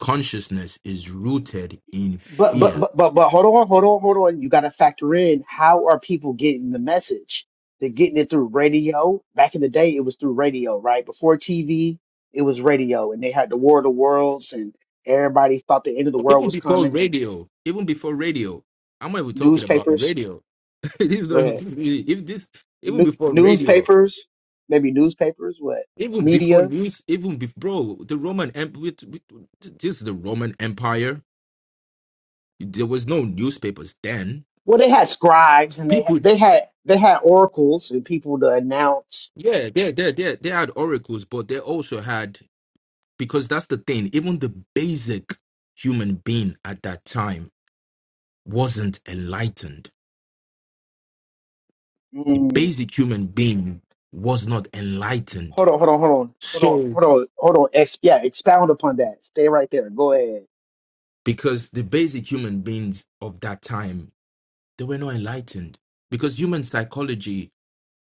S3: consciousness is rooted in
S2: But but
S3: fear.
S2: but but but hold on, hold on, hold on. You got to factor in how are people getting the message? They're getting it through radio. Back in the day, it was through radio, right? Before TV, it was radio, and they had the War of the Worlds, and everybody thought the end of the
S3: Or
S2: world
S3: Even
S2: was
S3: before
S2: coming. And
S3: radio, even before radio, I'm not even talking about
S2: newspapers,
S3: radio. These
S2: go
S3: don't
S2: ahead,
S3: even- if this even
S2: New-
S3: before radio,
S2: newspapers, maybe newspapers, what
S3: Even before
S2: media?
S3: news, even before, bro, the Roman Empire, this is the Roman Empire. There was no newspapers then.
S2: Well, they had scribes, and they
S3: People,
S2: they had they had oracles and people to announce.
S3: yeah, they, they, they, they had oracles, but they also had, because that's the thing, even the basic human being at that time wasn't enlightened. The
S2: mm,
S3: basic human being was not enlightened.
S2: Hold on, hold on, hold on, hold on,
S3: So,
S2: hold on, hold on. Ex- yeah, expound upon that. Stay right there. Go ahead.
S3: because the basic human beings of that time, they were not enlightened. Because human psychology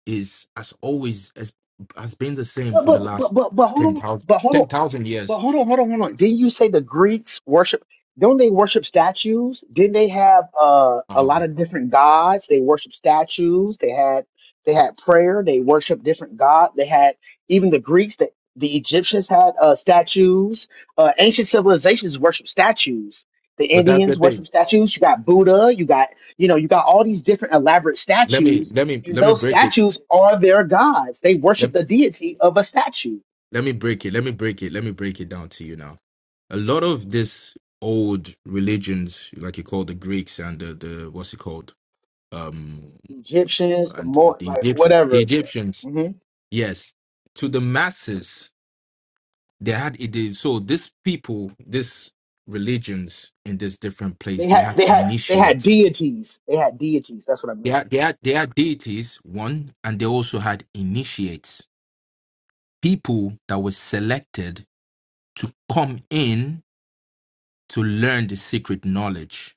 S3: is has always has, has been the same
S2: But
S3: for the
S2: but but
S3: last
S2: but but hold
S3: ten
S2: on.
S3: thousand
S2: But
S3: ten
S2: hold on.
S3: thousand
S2: But
S3: years.
S2: hold on, hold on, hold on. Didn't you say the Greeks worship? Don't they worship statues? Didn't they have uh, a lot
S3: Um,
S2: of different gods? They worship statues. They had they had prayer. They worship different gods. They had even the Greeks. The, the Egyptians had uh, statues. Uh, ancient civilizations worship statues. The
S3: but that's the
S2: Indians
S3: thing.
S2: worship statues. You got Buddha. You got you know you got all these different elaborate
S3: Let me
S2: statues
S3: let me
S2: and
S3: let me
S2: those
S3: break it.
S2: statues are their gods. They
S3: Let,
S2: worship the deity of a statue.
S3: let me break it. Let me break it. Let me break it down to you now. A lot of this old religions, like you call the Greeks and the, the what's it called? Um,
S2: Egyptians, the
S3: and
S2: more
S3: the
S2: like
S3: Egyptians. The
S2: whatever.
S3: Egyptians,
S2: hmm
S3: yes, to the masses. They had it. they- So these people, these religions in this different place,
S2: They
S3: they
S2: had
S3: had
S2: they had they had
S3: initiates.
S2: deities. They had deities. That's what I
S3: They
S2: meant.
S3: had, they had they had deities one, and they also had initiates, people that were selected to come in to learn the secret knowledge.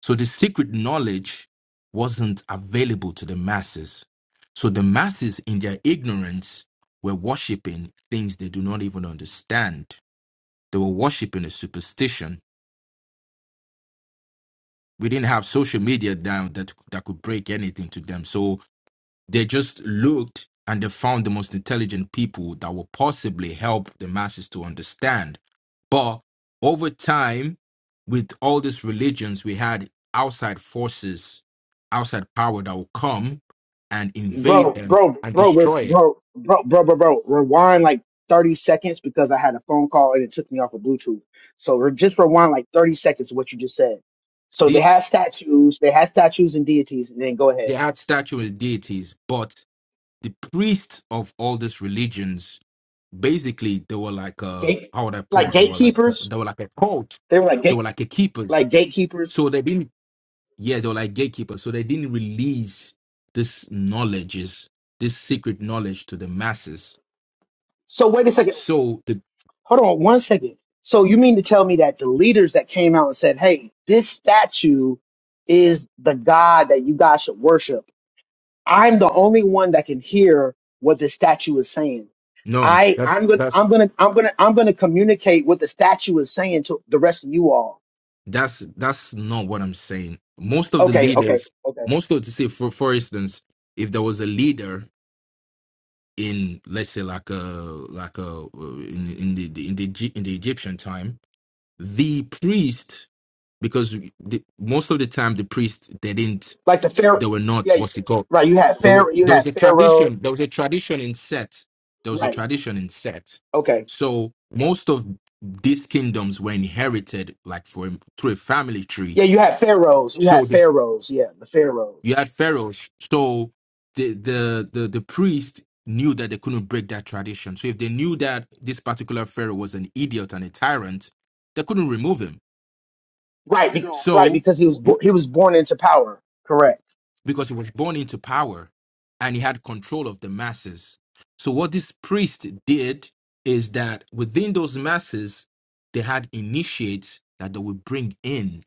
S3: So the secret knowledge wasn't available to the masses. So the masses, in their ignorance, were worshiping things they do not even understand. They were worshiping a superstition we didn't have social media down that that could break anything to them. So they just looked and they found the most intelligent people that will possibly help the masses to understand. But over time, with all these religions, we had outside forces, outside power that will come and invade
S2: Bro,
S3: them
S2: bro,
S3: and
S2: bro, bro,
S3: destroy it.
S2: bro, bro, bro, bro, bro. Rewind like 30 seconds because I had a phone call and it took me off of Bluetooth. So re- just rewind like 30 seconds of what you just said. So they had
S3: These
S2: statues, they had statues and deities, and then go
S3: they
S2: ahead.
S3: had statues, deities, but the priests of all these religions basically they were like uh
S2: Gate
S3: how would i put
S2: like
S3: it they were like
S2: gatekeepers.
S3: they were like a cult
S2: They were like
S3: they
S2: gate
S3: were like a keepers
S2: like gatekeepers.
S3: so they didn't yeah they were like gatekeepers so they didn't release this knowledges this secret knowledge to the masses
S2: So wait a second.
S3: so the
S2: Hold on one second. So you mean to tell me that the leaders that came out and said, "Hey, this statue is the God that you guys should worship." I'm the only one that can hear what the statue is saying.
S3: no
S2: I
S3: that's
S2: I'm gonna
S3: that's
S2: I'm gonna I'm gonna I'm gonna communicate what the statue is saying to the rest of you all.
S3: that's that's not what i'm saying most of the
S2: Okay, okay,
S3: leaders
S2: okay.
S3: most of to say for for instance if there was a leader in let's say like a like a in in the, the in the Egy- in the Egyptian time, the priest because the, most of the time the priest they didn't
S2: Like the Pharaoh,
S3: they were not
S2: yeah,
S3: what's it called
S2: right. You had
S3: there were
S2: Pharaoh, you
S3: there was
S2: had
S3: a
S2: Pharaoh,
S3: tradition there was a tradition in Set there was a
S2: right?
S3: tradition in Set,
S2: Okay,
S3: so most of these kingdoms were inherited like for through a family tree.
S2: yeah. You had pharaohs, you had
S3: So
S2: pharaohs, yeah, the pharaohs.
S3: You had pharaohs, so the the the the priest knew that they couldn't break that tradition. So if they knew that this particular pharaoh was an idiot and a tyrant, they couldn't remove him.
S2: Right, be, right,
S3: So
S2: because he was bo-
S3: what?
S2: he was born into power. Correct.
S3: Because he was born into power, and he had control of the masses. So what this priest did is that within those masses, they had initiates that they would bring in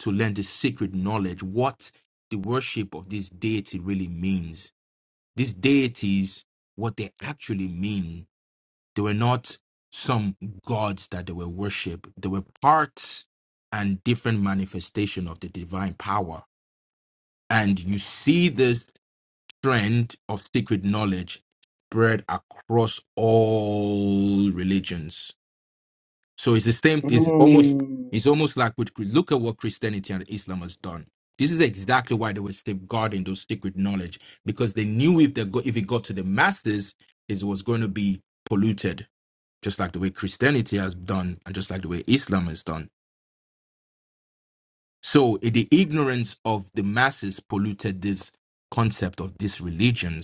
S3: to learn the secret knowledge, what the worship of this deity really means these deities what they actually mean. They were not some gods that they were worship. They were parts and different manifestation of the divine power. And you see this trend of secret knowledge spread across all religions so it's the same. It's almost
S2: Mm.
S3: it's almost like with look at what Christianity and Islam has done. This is exactly why they were safeguarding those secret knowledge because they knew if they go, if it got to the masses, it was going to be polluted, just like the way Christianity has done and just like the way Islam has done. So eh, the ignorance of the masses polluted this concept of these religions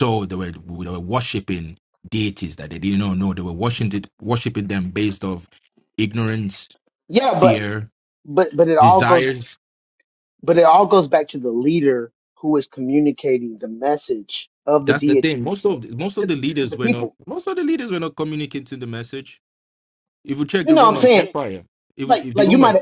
S3: so they were they were worshiping deities that they didn't know. No, they were worshiping worshiping them based of ignorance,
S2: Yeah, but
S3: fear,
S2: but but it all goes
S3: desires.
S2: but it all goes back to the leader who is communicating the message of the
S3: That's the thing.
S2: deity to
S3: Most
S2: the,
S3: of most
S2: to,
S3: of the
S2: the- to
S3: leaders
S2: the
S3: were not
S2: people.
S3: most of the leaders were not communicating the message. If you check
S2: You
S3: the
S2: know what I'm
S3: Roman
S2: saying?
S3: Empire, if,
S2: Like
S3: if the
S2: like you
S3: Roman,
S2: might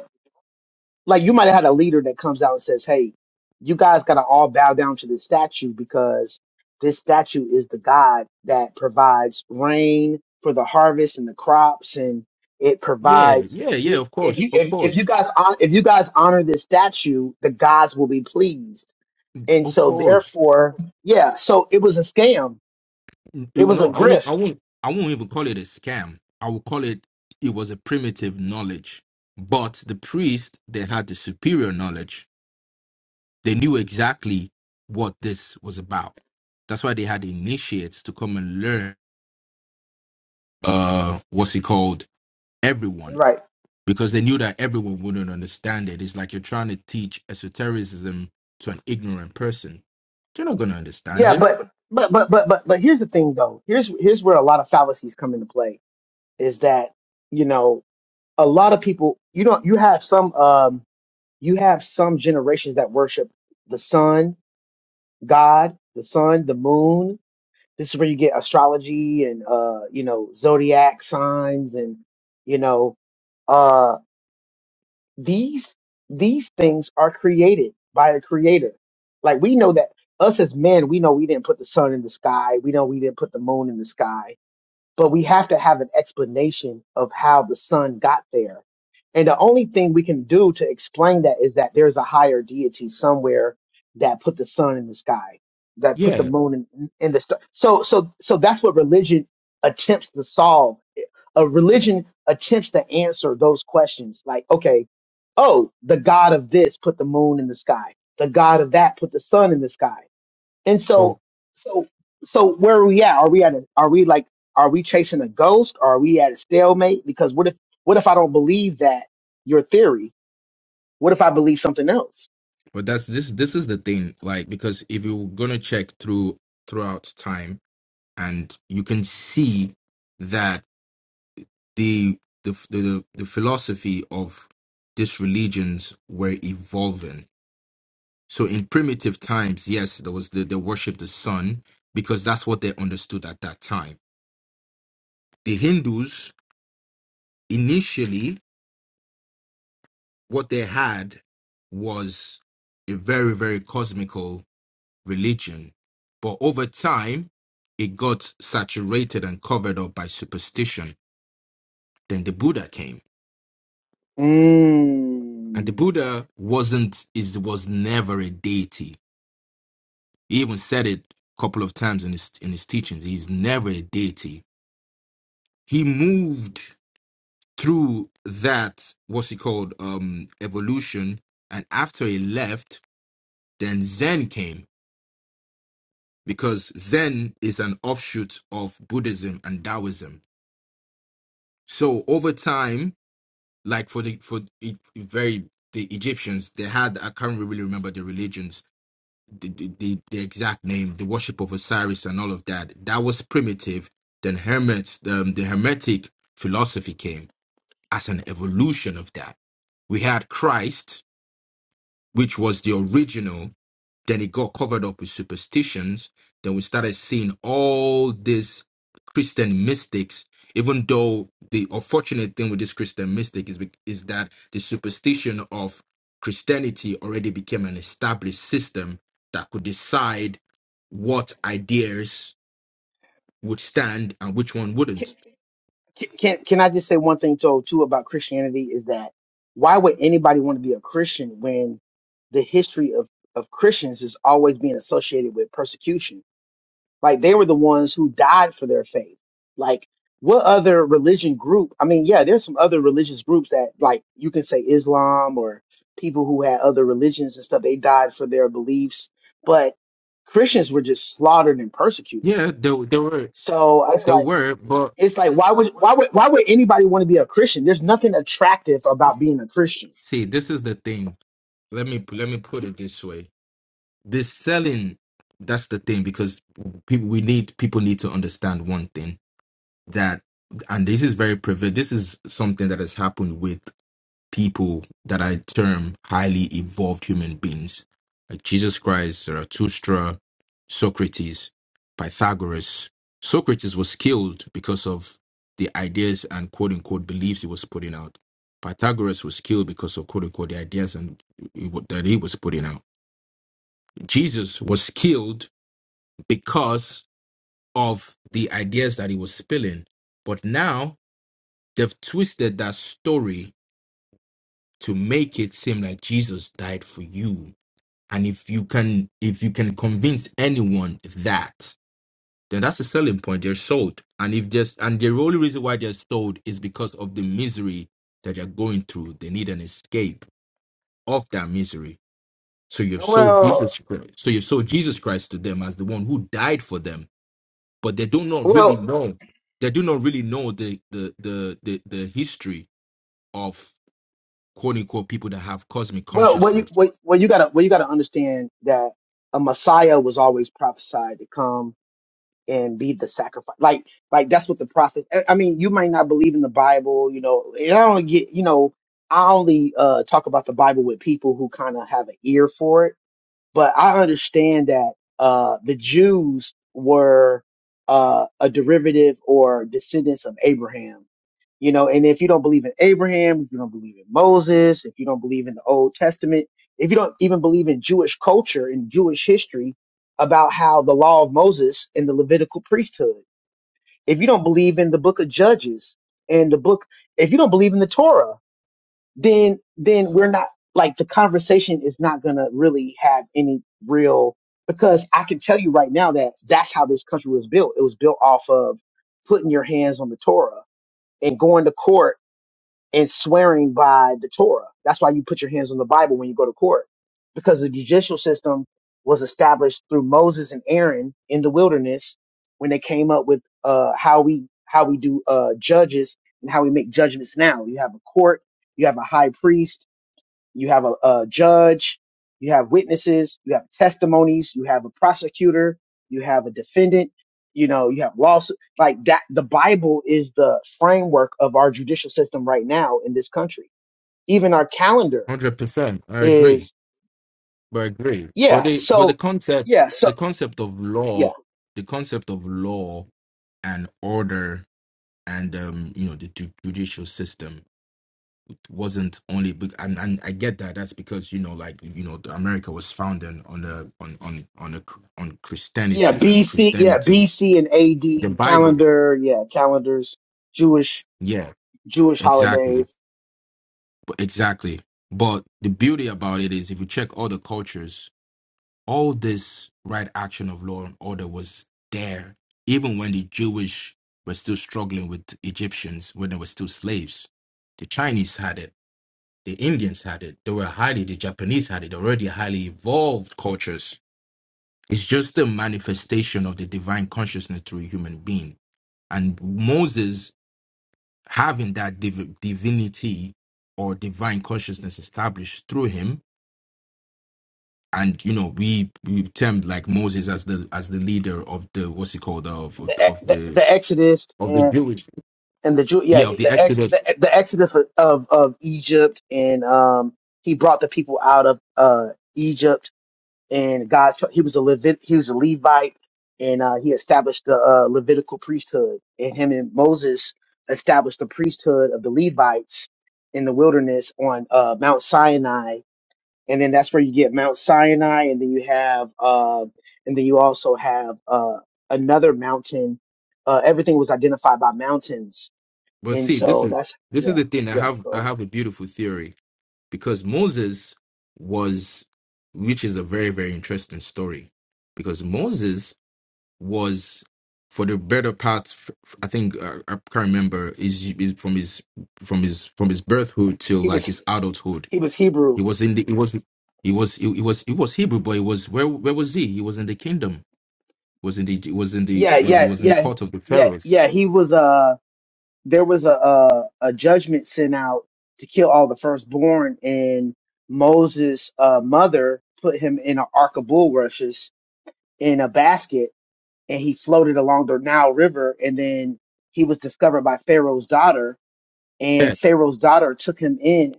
S2: like you might have had a leader that comes out and says, "Hey, you guys got to all bow down to this statue because this statue is the God that provides rain for the harvest and the crops, and it
S3: yeah,
S2: provides."
S3: yeah, yeah,
S2: thi-
S3: of
S2: If
S3: course,
S2: you
S3: of
S2: if, if you
S3: course,
S2: guys hon- if you guys honor this statue, the gods will be pleased, and
S3: of
S2: so
S3: course.
S2: therefore, yeah. So it was a scam. It
S3: It-
S2: was
S3: no,
S2: a
S3: I won't, I
S2: grift,
S3: won't, I won't even call it a scam. I will call it. It was a primitive knowledge, but the priest they had the superior knowledge They knew exactly what this was about. That's why they had initiates to come and learn uh what's it called? Everyone.
S2: right?
S3: Because they knew that everyone wouldn't understand it. It's like you're trying to teach esotericism to an ignorant person. They're not gonna understand
S2: Yeah,
S3: it.
S2: but but but but but but here's the thing, though. Here's here's where a lot of fallacies come into play. Is that you know a lot of people you know you have some um you have some generations that worship the sun god the sun the moon this is where you get astrology and uh you know zodiac signs and you know uh these these things are created by a creator like we know that us as men we know we didn't put the sun in the sky we know we didn't put the moon in the sky but we have to have an explanation of how the son got there. And the only thing we can do to explain that is that there's a higher deity somewhere that put the sun in the sky, that put the
S3: Yeah.
S2: moon in, in the star. So, so, so that's what religion attempts to solve. A religion attempts to answer those questions like, okay, oh, the God of this put the moon in the sky. The God of that put the sun in the sky. And
S3: But
S2: so, so, so where are we at? Are we at? A, are we like? Are we chasing a ghost? Or are we at a stalemate? Because what if? What if I don't believe that your theory? What if I believe something else?
S3: but that's this this is the thing, like because if you're gonna check through throughout time and you can see that the the the the philosophy of these religions were evolving. So in primitive times, yes, there was the they worship the sun because that's what they understood at that time. The Hindus initially what they had was a very very cosmical religion, but over time it got saturated and covered up by superstition. Then the Buddha came, and the
S2: Mm.
S3: Buddha wasn't is was never a deity He even said it a couple of times in his in his teachings. He's never a deity. He moved through that what's he called um evolution, and after he left, then Zen came because Zen is an offshoot of Buddhism and Taoism. So over time, like for the for the very the Egyptians, they had I can't really remember the religions the, the, the the exact name, the worship of Osiris and all of that, that was primitive. Then Hermets, um, the Hermetic philosophy came as an evolution of that. We had Christ, which was the original then it got covered up with superstitions. Then we started seeing all these Christian mystics, even though the unfortunate thing with this Christian mystic is, be- is that the superstition of Christianity already became an established system that could decide what ideas would stand and which one
S2: Can,
S3: wouldn't.
S2: can can I just say one thing too, too about Christianity is that why would anybody want to be a Christian when the history of of Christians is always being associated with persecution? Like they were the ones who died for their faith. Like what other religion group? I mean, yeah, there's some other religious groups that like you can say Islam or people who had other religions and stuff. They died for their beliefs, but Christians were just slaughtered and persecuted.
S3: Yeah, there, there were,
S2: So it's
S3: there
S2: like
S3: were, but
S2: it's like why would why would why would anybody want to be a Christian? There's nothing attractive about being a Christian.
S3: see, this is the thing. Let me let me put it this way the selling that's the thing because people we need people need to understand one thing that and this is very prevalent this is something that has happened with people that i term highly evolved human beings like jesus christ zarathustra socrates pythagoras socrates was killed because of the ideas and quote unquote beliefs he was putting out pythagoras was killed because of quote unquote the ideas and that he was putting out jesus was killed because of the ideas that he was spilling. But now they've twisted that story to make it seem like Jesus died for you. And if you can if you can convince anyone that, then that's a selling point. They're sold. And if there's and the only reason why they're sold is because of the misery that they're going through. They need an escape of that misery. So you've sold
S2: Well,
S3: Jesus Christ. So you've sold Jesus Christ to them as the one who died for them but they do not really
S2: well,
S3: know they do not really know the the the the, the history of quote unquote people that have cosmic
S2: well, well, you,
S3: consciousness.
S2: well, well, you gotta, well, you gotta understand that a Messiah was always prophesied to come and be the sacrifice. Like, like that's what the prophet. I I mean, you might not believe in the Bible, you know. And I don't get, you know, I only uh, talk about the Bible with people who kind of have an ear for it. But I understand that uh, the Jews were uh, a derivative or descendants of Abraham you know, and if you don't believe in Abraham, if you don't believe in Moses, if you don't believe in the Old Testament, if you don't even believe in Jewish culture and Jewish history about how the law of Moses and the Levitical priesthood, if you don't believe in the book of Judges and the book, if you don't believe in the Torah, then, then we're not like the conversation is not going to really have any real, because I can tell you right now that that's how this country was built. It was built off of putting your hands on the Torah and going to court and swearing by the Torah. That's why you put your hands on the Bible when you go to court, because the judicial system was established through Moses and Aaron in the wilderness when they came up with uh, how we how we do uh, judges and how we make judgments. Now you have a court, you have a high priest, you have a, a judge, you have witnesses, you have testimonies, you have a prosecutor, you have a defendant, you know, you have lawsuit. Like that, the Bible is the framework of our judicial system right now in this country. Even our calendar
S3: Hundred percent, I agree.
S2: is,
S3: But I agree. But
S2: yeah.
S3: the but the
S2: So,
S3: concept
S2: yeah. So,
S3: the concept of
S2: yeah,
S3: law the concept of law and order and um you know the ju- judicial system wasn't only be- and, and I get that that's because you know like you know the America was founded on a on on on a, on
S2: yeah.
S3: Christianity and the
S2: BC, yeah,
S3: Christianity
S2: BC and
S3: the
S2: AD
S3: Bible
S2: calendar, yeah, calendars, Jewish,
S3: Yeah,
S2: Jewish
S3: exactly.
S2: holidays,
S3: B- Exactly. But the beauty about it is if you check all the cultures, all this right action of law and order was there, even when the Jewish were still struggling with Egyptians when they were still slaves. The Chinese had it, the Indians had it, they were highly the Japanese had it, already highly evolved cultures. It's just a manifestation of the divine consciousness through a human being. And Moses having that div- divinity or divine consciousness established through him and you know we we termed like moses as the as the leader of the what's he called of of,
S2: the
S3: of
S2: the,
S3: the
S2: the Exodus,
S3: of the
S2: and
S3: jewish
S2: and the Jew, yeah,
S3: yeah of the
S2: the ex,
S3: exodus
S2: the, the exodus of of Egypt, and um, he brought the people out of uh Egypt, and God, t- he was a Levit, he was a Levite, and uh, he established the uh, Levitical priesthood, and him and Moses established the priesthood of the Levites in the wilderness on uh Mount Sinai, and then that's where you get Mount Sinai, and then you have uh, and then you also have uh another mountain. Uh, everything was identified by mountains
S3: but
S2: and
S3: see this
S2: so
S3: is
S2: that's
S3: this is
S2: yeah,
S3: the thing i
S2: yeah.
S3: have
S2: Go
S3: i
S2: ahead.
S3: have a beautiful theory because moses was which is a very very interesting story because moses was for the better part f- f- i think uh, i can't remember is is from his from his from his birthhood till
S2: He
S3: like
S2: was
S3: his adulthood
S2: he was Hebrew.
S3: he was in the he was he was he, he was he was hebrew but he was where where was he he was in the kingdom was in the was in the
S2: Yeah,
S3: was he
S2: yeah,
S3: was in the
S2: yeah,
S3: court of the
S2: yeah,
S3: pharaohs
S2: yeah. He was uh there was a a, a judgment sent out to kill all the firstborn, and Moses' uh, mother put him in an ark of bulrushes in a basket, and he floated along the Nile River, and then he was discovered by Pharaoh's daughter,
S3: yeah
S2: and Pharaoh's daughter took him in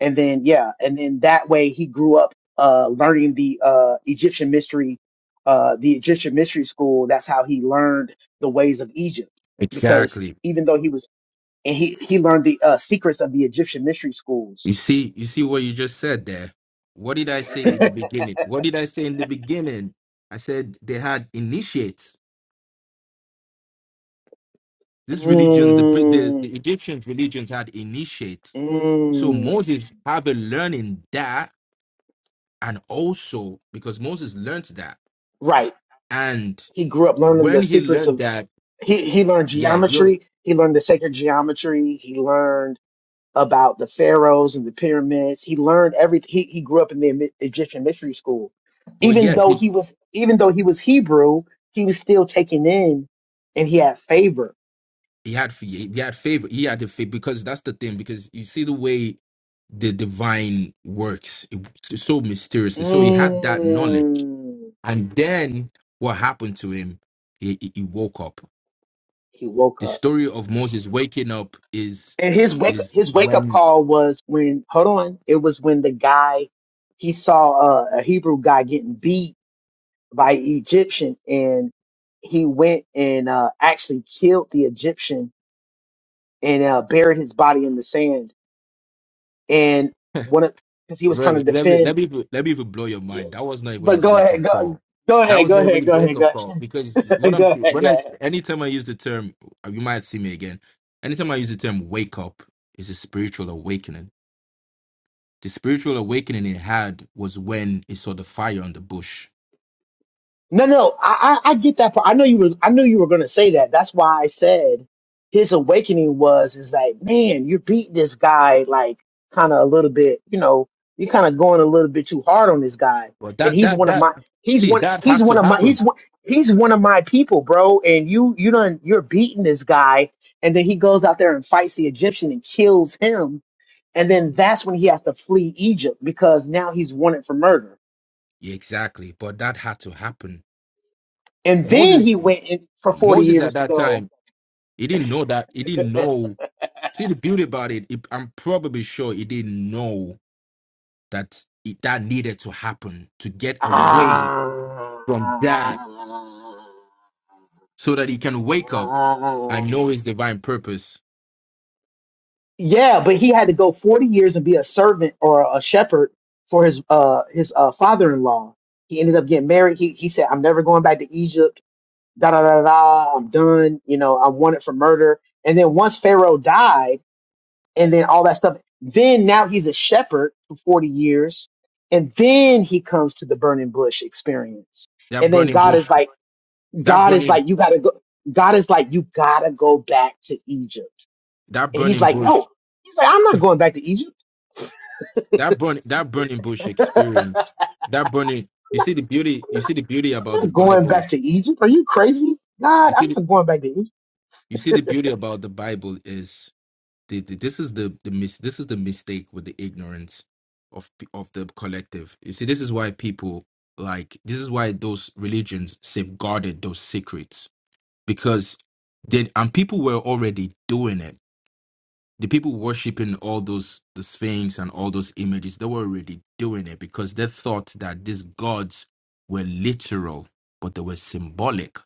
S2: and then yeah, and then that way he grew up uh, learning the uh, Egyptian mystery, uh, the Egyptian mystery school. That's how he learned the ways of Egypt, because
S3: exactly
S2: even though he was and he he learned the uh, secrets of the Egyptian mystery schools.
S3: you see you see what you just said there what did i say at the beginning what did i say in the beginning i said they had initiates this religion the, Brit- the
S2: mm,
S3: the egyptians religions had initiates So
S2: mm.
S3: Moses have a learning that, and also because Moses learned that,
S2: Right,
S3: and
S2: he grew up learning the
S3: when he
S2: secrets
S3: learned
S2: of
S3: that,
S2: he he learned
S3: yeah, you know,
S2: geometry. He learned the sacred geometry. He learned about the pharaohs and the pyramids. He learned everything. He, he grew up in the Emy- Egyptian mystery school.
S3: well,
S2: Even
S3: yeah,
S2: though
S3: he,
S2: he was even though he was Hebrew, he was still taken in, and he had favor.
S3: he had he had favor, he had the favor because that's the thing. Because you see the way the divine works, it's so mysteriously. So he had that knowledge,
S2: Mm,
S3: and then what happened to him? He, he he woke up.
S2: he woke
S3: The
S2: up,
S3: story of Moses waking up is
S2: and his wake
S3: is
S2: his wake up
S3: when
S2: call was when hold on, it was when the guy he saw a, a Hebrew guy getting beat by an Egyptian, and he went and uh, actually killed the Egyptian and uh, buried his body in the sand and one of because he was trying to
S3: Right. Let me
S2: defend.
S3: let me even- let me even blow your
S2: Yeah,
S3: mind. That was not even
S2: but
S3: his
S2: go
S3: wake
S2: ahead,
S3: up
S2: go,
S3: call.
S2: go
S3: That
S2: ahead,
S3: was
S2: go
S3: not even
S2: ahead,
S3: his
S2: go
S3: wake
S2: ahead, go
S3: up call because what
S2: ahead,
S3: I'm
S2: go ahead,
S3: when I
S2: go ahead.
S3: anytime I use the term, you might see me again. Anytime I use the term wake up, is a spiritual awakening. The spiritual awakening he had was when he saw the fire on the bush.
S2: No, no, I, I I get that part. I know you were I knew you were gonna say that. That's why I said his awakening was is like, man, you're beating this guy like kind of a little bit, you know, you're kind of going a little bit too hard on this guy,
S3: But
S2: and
S3: that
S2: he's
S3: that
S2: one of
S3: that
S2: my he's
S3: see
S2: one
S3: that
S2: he's
S3: had to
S2: one of my
S3: happen.
S2: he's one he's one of my people, bro. And you you done you're beating this guy, and then he goes out there and fights the Egyptian and kills him, and then that's when he has to flee Egypt because now he's wanted for murder.
S3: Yeah, exactly. But that had to happen.
S2: And then
S3: Moses
S2: he went in for 40
S3: Moses at
S2: years to
S3: that
S2: go
S3: time he didn't know that he didn't know See, the beauty about it, it- I'm probably sure he didn't know that it, that needed to happen to get away
S2: Ah.
S3: from that so that he can wake up and know his divine purpose.
S2: Yeah, but he had to go 40 years and be a servant or a shepherd for his uh his uh father-in-law. He ended up getting married. He he said, "I'm never going back to Egypt. Da da da da. da. I'm done. You know, I'm wanted for murder." And then once Pharaoh died, and then all that stuff, then now he's a shepherd for 40 years, and then he comes to the burning bush experience.
S3: That
S2: And then
S3: burning
S2: God is
S3: bush,
S2: like,
S3: that
S2: God is
S3: burning,
S2: like, you gotta go. God is like, you gotta go back to Egypt.
S3: that
S2: And he's
S3: burning
S2: like,
S3: bush,
S2: no. He's like, I'm not going back to Egypt.
S3: that burn, that burning bush experience, that burning. You see the beauty. You see the beauty about
S2: I'm
S3: the
S2: not going
S3: Bible.
S2: back to Egypt. Are you crazy?
S3: You
S2: God,
S3: see
S2: I'm
S3: the,
S2: not going back to Egypt.
S3: you see the beauty about the Bible is the, the- this is the the mis- this is the mistake with the ignorance of p- of the collective. You see, this is why people like this is why those religions safeguarded those secrets because then and people were already doing it. The people worshiping all those the sphinx and all those images, they were already doing it because they thought that these gods were literal, but they were symbolic,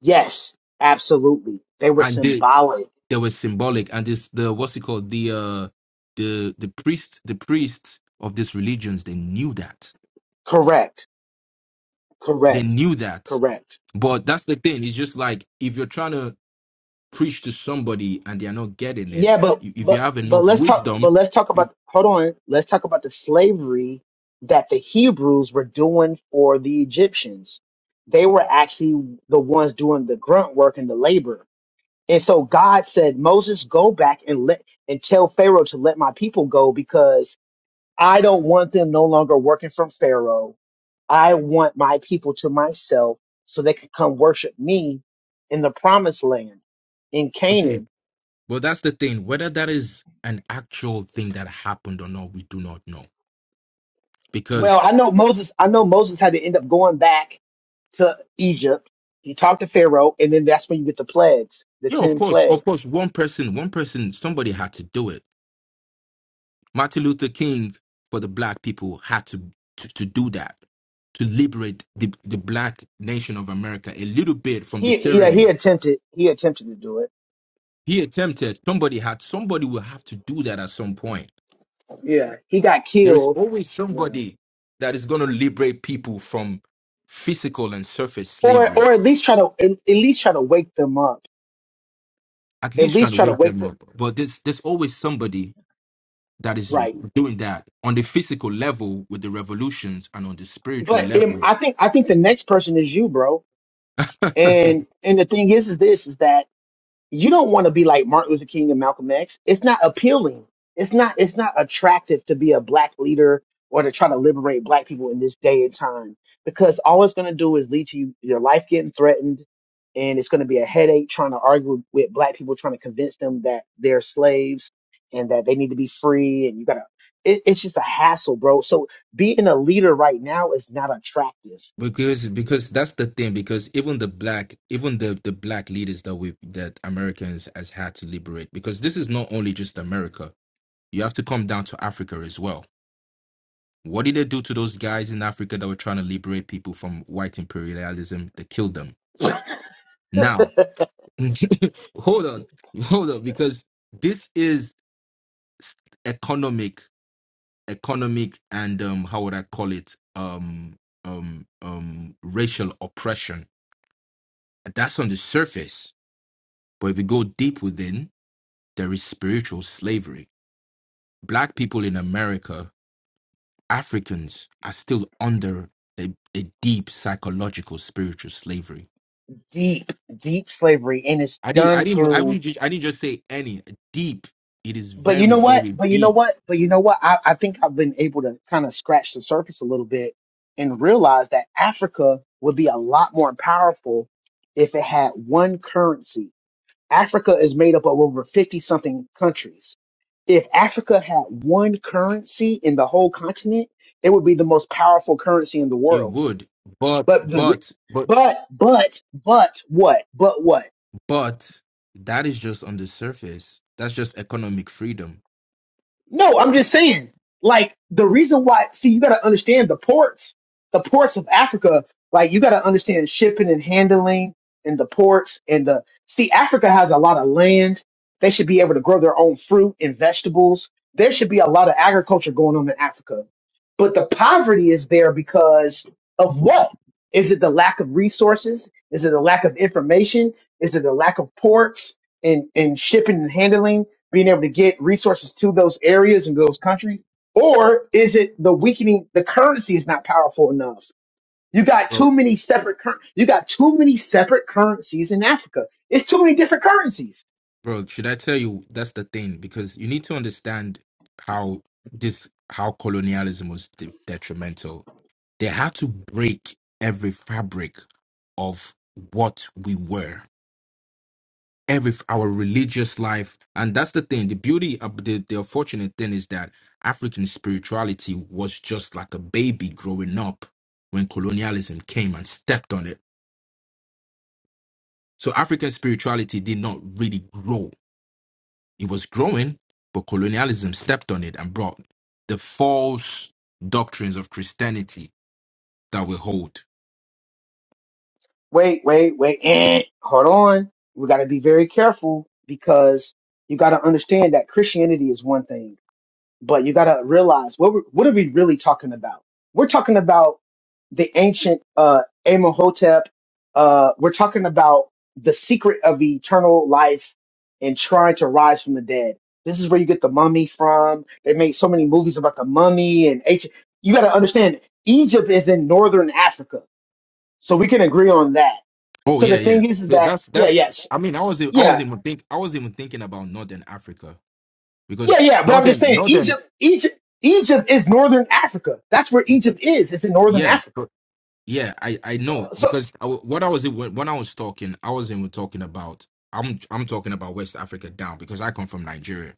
S2: Yes, absolutely. They were
S3: and they
S2: symbolic.
S3: they were symbolic and this the what's it called the uh the the priests the priests of these religions they knew that
S2: Correct.
S3: they
S2: Correct.
S3: knew that
S2: Correct.
S3: but that's the thing it's just like if you're trying to preach to somebody and they're not getting it
S2: Yeah, but
S3: i- if you
S2: but
S3: have
S2: but
S3: enough
S2: let's talk
S3: wisdom
S2: but let's talk about hold on. Let's talk about the slavery that the Hebrews were doing for the Egyptians. They were actually the ones doing the grunt work and the labor And so God said, Moses, go back and let and tell Pharaoh to let my people go because I don't want them no longer working from Pharaoh. I want my people to myself so they can come worship me in the promised land in
S3: let's see
S2: Canaan.
S3: well that's the thing whether that is an actual thing that happened or not we do not know
S2: Well,
S3: because
S2: I know Moses, I know Moses had to end up going back to Egypt. He talked to Pharaoh, and then that's when you get the plagues, the
S3: yeah of
S2: ten
S3: course of
S2: plagues.
S3: course one person one person somebody had to do it Martin Luther King for the black people had to to, to do that to liberate the, the black nation of America a little bit from the
S2: He yeah, he
S3: tyranny.
S2: attempted he attempted to do it.
S3: He attempted. Somebody had. Somebody will have to do that at some point.
S2: Yeah. He got
S3: There is
S2: killed.
S3: always
S2: You know.
S3: somebody that is going to liberate people from physical and surface
S2: or
S3: slavery.
S2: or at least try to at, at least try to wake them up.
S3: At
S2: At
S3: least try
S2: least
S3: to
S2: try to
S3: wake
S2: wake
S3: them
S2: them
S3: up. But there's there's always somebody that is
S2: right.
S3: doing that on the physical level with the revolutions and on the spiritual
S2: But um,
S3: level
S2: I think I think the next person is you, bro. And and the thing is, is this is that you don't want to be like Martin Luther King and Malcolm X. It's not appealing. It's not it's not attractive to be a black leader or to try to liberate black people in this day and time because all it's going to do is lead to you, your life getting threatened and it's going to be a headache trying to argue with, with black people trying to convince them that they're slaves and that they need to be free and you got to it, it's just a hassle, bro. So being a leader right now is not attractive.
S3: Because because that's the thing. Because even the black, even the the black leaders that we that Americans has had to liberate. Because this is not only just America. You have to come down to Africa as well. What did they do to those guys in Africa that were trying to liberate people from white imperialism? They killed them. Now, hold on, hold on, because this is economic, economic, and um, how would I call it? Um, um, um, racial oppression. That's on the surface But if you go deep within, there is spiritual slavery. Black people in America, Africans, are still under a, a deep psychological spiritual slavery.
S2: Deep, deep slavery, and it's
S3: I didn't, I
S2: done
S3: didn't, I
S2: through
S3: wouldn't, ju- I didn't just say any deep. It is
S2: But you
S3: very,
S2: know what?
S3: very
S2: But you know
S3: deep.
S2: what? But you know what? I, I think I've been able to kind of scratch the surface a little bit and realize that Africa would be a lot more powerful if it had one currency. Africa is made up of over 50 something countries. If Africa had one currency in the whole continent, it would be the most powerful currency in the
S3: It
S2: world.
S3: would, but,
S2: But the, re-
S3: but, but,
S2: but, but, but what? But what?
S3: but that is just on the surface. That's just economic freedom.
S2: No, I'm just saying, like the reason why. See, you got to understand the ports, the ports of Africa. Like you got to understand shipping and handling, and the ports and the. See, Africa has a lot of land. They should be able to grow their own fruit and vegetables. There should be a lot of agriculture going on in Africa, but the poverty is there because of what? Is it the lack of resources? Is it the lack of information? Is it the lack of ports and, and shipping and handling? being able to get resources to those areas and those countries? Or is it the weakening, the currency is not powerful enough? You got too many separate, cur- you got too many separate currencies in Africa. It's too many different currencies.
S3: Bro, should I tell you that's the thing? Because you need to understand how this how colonialism was de- detrimental. They had to break every fabric of what we were, every our religious life, and that's the thing. The beauty of the, the unfortunate thing is that African spirituality was just like a baby growing up when colonialism came and stepped on it. So African spirituality did not really grow It was growing, but colonialism stepped on it and brought the false doctrines of Christianity that we hold.
S2: Wait, wait, wait. Eh, hold on. We got to be very careful because you got to understand that Christianity is one thing But you got to realize what we- what are we really talking about? We're talking about the ancient uh, Amohotep. Uh, we're talking about the secret of eternal life and trying to rise from the dead. This is where you get the mummy from. They made so many movies about the mummy and ancient. You got to understand, Egypt is in northern Africa, so we can agree on that.
S3: Oh
S2: So the
S3: yeah, yeah.
S2: thing is, is
S3: Th-
S2: that
S3: That's
S2: yeah,
S3: that's.
S2: yes,
S3: I mean, I was I
S2: yeah.
S3: was even think I was even thinking about Northern Africa
S2: Yeah,
S3: because
S2: yeah, but I'm just
S3: Northern
S2: saying
S3: Northern
S2: Egypt, Egypt, Egypt is northern Africa. That's where Egypt is. It's in northern
S3: yeah
S2: Africa.
S3: but- yeah I I
S2: So,
S3: know
S2: so
S3: because I, w- what I was when when I was talking I was even talking about I'm I'm talking about West Africa down because I come from Nigeria.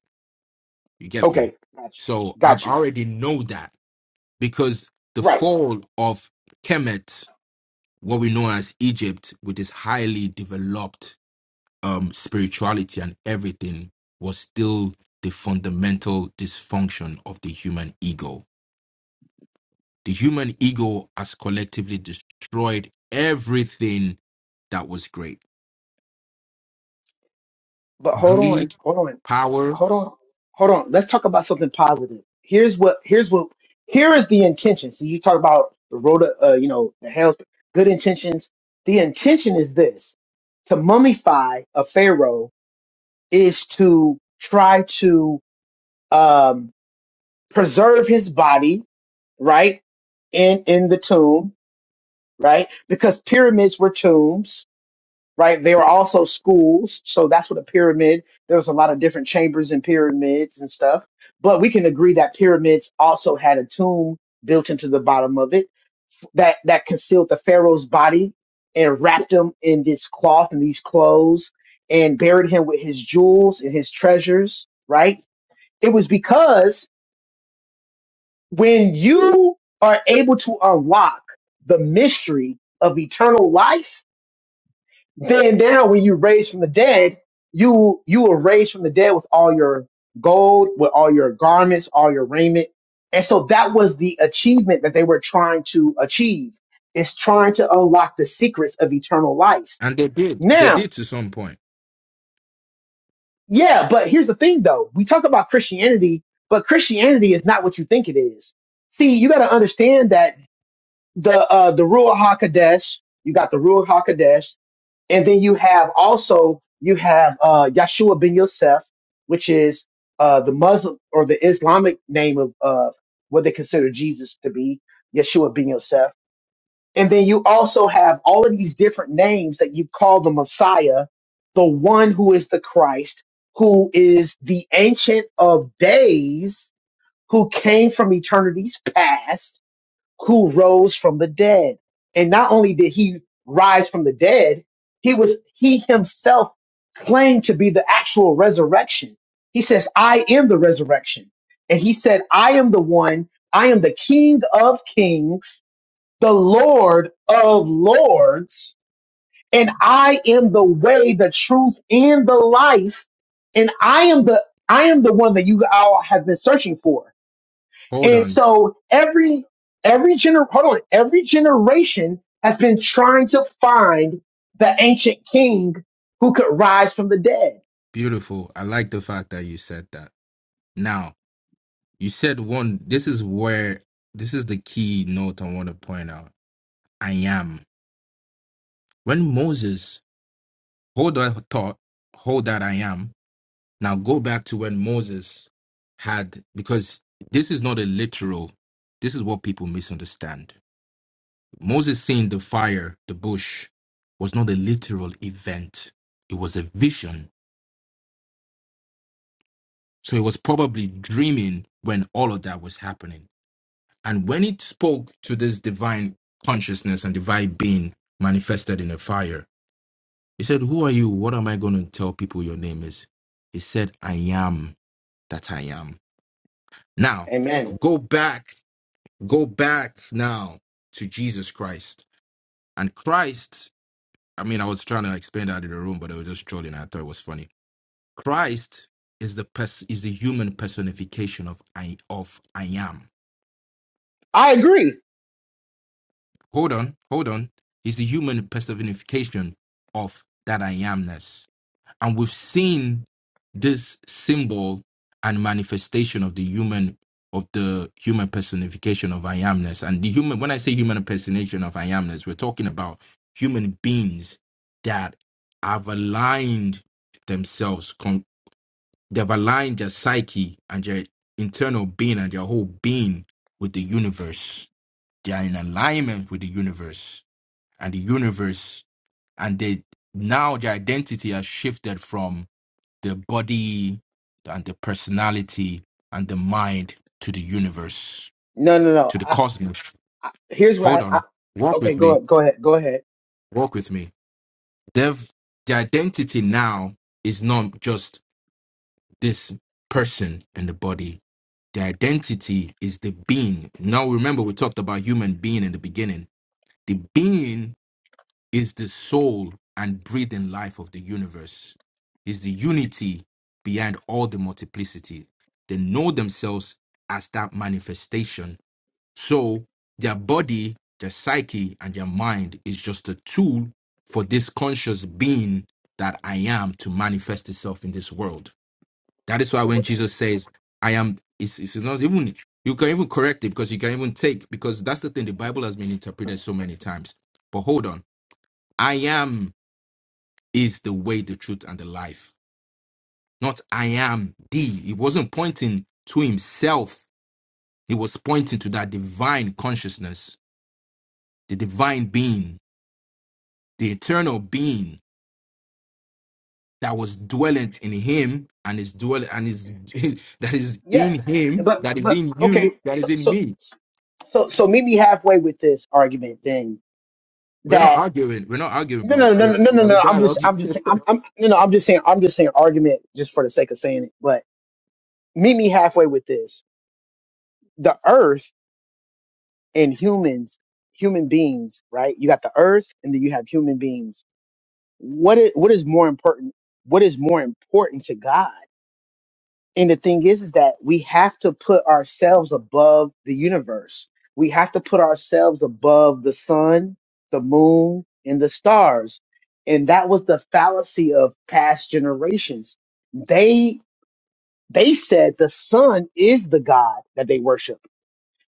S3: You get me?
S2: okay, got you,
S3: So I
S2: got you.
S3: already know that because the
S2: Right,
S3: fall of Kemet what we know as Egypt, with its highly developed um, spirituality and everything, was still the fundamental dysfunction of the human ego. The human ego has collectively destroyed everything that was great
S2: but hold on,
S3: greed,
S2: hold on,
S3: power,
S2: hold on, hold on. Let's talk about something positive. Here's what, here's what, here is the intention. So you talk about the road, of, uh, you know, the hell's good intentions. The intention is this: to mummify a pharaoh is to try to um, preserve his body right? In in the tomb, right? Because pyramids were tombs, right? They were also schools, so that's what a pyramid. There was a lot of different chambers in pyramids and stuff. But we can agree that pyramids also had a tomb built into the bottom of it that that concealed the pharaoh's body and wrapped him in this cloth and these clothes and buried him with his jewels and his treasures, right? It was because when you are able to unlock the mystery of eternal life, then now when you're raised from the dead, you you are raised from the dead with all your gold, with all your garments, all your raiment. And so that was the achievement that they were trying to achieve is trying to unlock the secrets of eternal life.
S3: and they did. They
S2: Now,
S3: did to some point.
S2: yeah, but here's the thing though. We talk about Christianity, but Christianity is not what you think it is. See, you got to understand that the uh the Ruach Hakodesh. You got the Ruach Hakodesh, and then you have also you have uh Yeshua ben Yosef, which is uh the Muslim or the Islamic name of uh what they consider Jesus to be, Yeshua ben Yosef. And then you also have all of these different names that you call the Messiah, the one who is the Christ, who is the ancient of days, who came from eternities past who rose from the dead. And not only did he rise from the dead, he was, he himself claimed to be the actual resurrection. He says, I am the resurrection. And he said, I am the one, I am the king of kings, the Lord of lords, and I am the way, the truth, and the life. And I am the, I am the one that you all have been searching for.
S3: Hold
S2: And
S3: on.
S2: so every every gener hold on, every generation has been trying to find the ancient king who could rise from the dead.
S3: Beautiful. I like the fact that you said that. Now, you said one, this is where, this is the key note I want to point out. I am. When Moses, hold that thought, hold that I am. Now go back to when Moses had, because this is not a literal, this is what people misunderstand. Moses seeing the fire, the bush, was not a literal event, it was a vision. So he was probably dreaming when all of that was happening. And when it spoke to this divine consciousness and divine being manifested in a fire, He said, Who are you? What am I going to tell people your name is? He said, I am that I am. Now,
S2: Amen.
S3: go back, go back now to Jesus Christ. And Christ, I mean, I was trying to explain that in the room, but I was just trolling. I thought it was funny. Christ is the pers- is the human personification of I of I am.
S2: I agree.
S3: Hold on, hold on. He's the human personification of that I amness. And we've seen this symbol and manifestation of the human of the human personification of I amness. And the human when I say human impersonation of I amness, we're talking about human beings that have aligned themselves, con- they've aligned their psyche and their internal being and their whole being with the universe. They are in alignment with the universe and the universe and they now their identity has shifted the body and the personality and the mind to the universe,
S2: No, no, no.
S3: to the
S2: I,
S3: cosmos.
S2: here's what
S3: Hold
S2: I, I
S3: on. Walk
S2: okay.
S3: with
S2: Go
S3: me.
S2: ahead. Go ahead. Go ahead.
S3: Walk with me. They've, the identity now is not just this person and the body. The identity is the being. Now, remember, we talked about human being in the beginning. The being is the soul and breathing life of the universe, is the unity behind all the multiplicity. They know themselves as that manifestation. So their body, their psyche, and their mind is just a tool for this conscious being that I am to manifest itself in this world. That is why when Jesus says, I am, it's, it's not even, you can even correct it because you can even take, because that's the thing, the Bible has been interpreted so many times. But hold on. I am is the way, the truth, and the life. Not I am the. He wasn't pointing to himself. He was pointing to that divine consciousness, the divine being, the eternal being that was dwellent in him and is dwell and is that is
S2: Yeah,
S3: in him,
S2: but
S3: that is
S2: but
S3: in you,
S2: okay.
S3: that is
S2: So
S3: in
S2: so
S3: me.
S2: so so meet me halfway with this argument then
S3: We're not
S2: that
S3: arguing. We're not arguing,
S2: no
S3: bro.
S2: no no
S3: We're,
S2: no
S3: we're
S2: no
S3: having
S2: no I'm just
S3: dialogue.
S2: I'm just saying I'm I'm no no I'm just saying I'm just saying argument just for the sake of saying it but meet me halfway with this the earth and humans, human beings, right? You got the earth and then you have human beings. What is, what is more important? What is more important to God? And the thing is, is that we have to put ourselves above the universe. We have to put ourselves above the sun, the moon, and the stars. And that was the fallacy of past generations. They, they said the sun is the God that they worship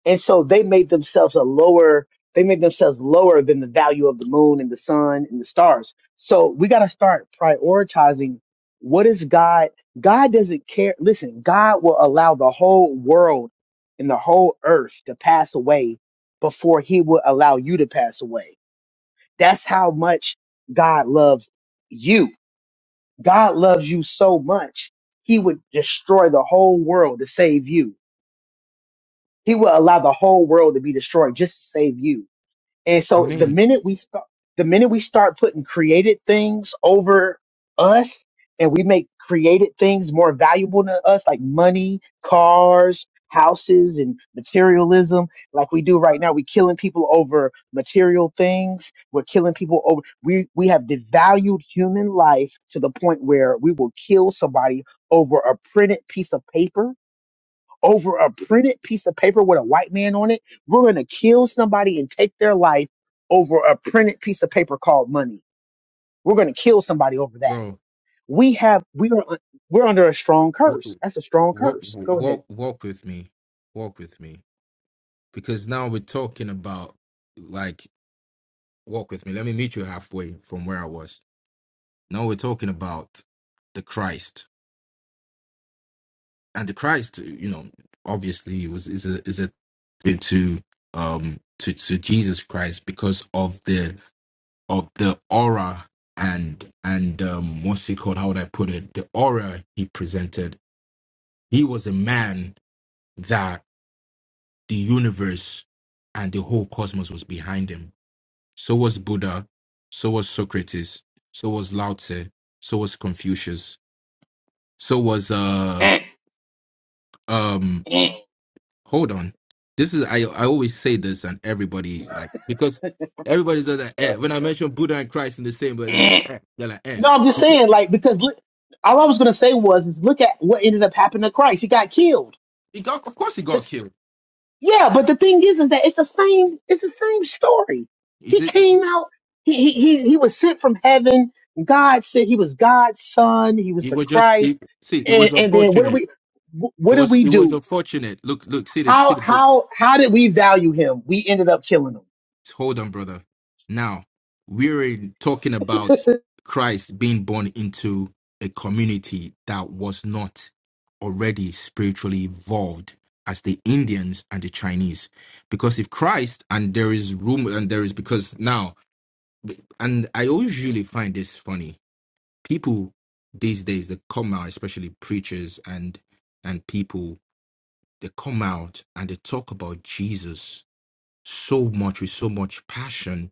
S2: and so they made themselves a lower they made themselves lower than the value of the moon and the sun and the stars so we got to start prioritizing what is god god doesn't care listen god will allow the whole world and the whole earth to pass away before he will allow you to pass away that's how much god loves you god loves you so much he would destroy the whole world to save you he will allow the whole world to be destroyed just to save you and
S3: I
S2: so the
S3: mean,
S2: minute we start, the minute we start putting created things over us and we make created things more valuable to us, like money, cars, houses, and materialism, like we do right now, we're killing people over material things. We're killing people over, we, we have devalued human life to the point where we will kill somebody over a printed piece of paper over a printed piece of paper with a white man on it. We're going to kill somebody and take their life over a printed piece of paper called money. We're going to kill somebody over that.
S3: bro,
S2: We have we are un- we're under a strong
S3: walk,
S2: curse. That's a strong
S3: walk,
S2: curse. Go ahead.
S3: walk, walk with me. Walk with me. Because now we're talking about like walk with me. Let me meet you halfway from where I was. Now we're talking about the Christ, and the Christ, you know, obviously was is a is a to um to to Jesus Christ because of the of the aura and and um what's he called? How would I put it? The aura he presented. He was a man that the universe and the whole cosmos was behind him So was Buddha. So was Socrates. So was Lao Tse. So was Confucius. So was uh um
S2: Eh,
S3: hold on. This is I I always say this and everybody like because
S2: eh,
S3: everybody's like eh. when I mention Buddha and Christ in the same but they're like
S2: eh.
S3: eh, they're like eh.
S2: no, I'm just
S3: Because
S2: saying like because look, all I was going to say was is look at what ended up happening to Christ. He got killed.
S3: he got of course he got killed.
S2: Yeah, but the thing is, is that it's the same. It's the same story.
S3: Is
S2: He
S3: it
S2: came out. He he he he was sent from heaven. God said he was God's son. He was
S3: it
S2: the
S3: was just it,
S2: Christ.
S3: see it
S2: And
S3: was
S2: and then what did
S3: unfortunate.
S2: we wh-
S3: It
S2: what did
S3: was
S2: we
S3: it was
S2: do?
S3: unfortunate. Look look see the see
S2: How
S3: the
S2: how how did we value him? We ended up killing him.
S3: hold on, brother. Now, we're talking about Christ being born into a community that was not already spiritually evolved as the Indians and the Chinese. Because if Christ, and there is room, and there is, because now, and I always usually find this funny. People these days, that come out, especially preachers and and people, they come out and they talk about Jesus so much with so much passion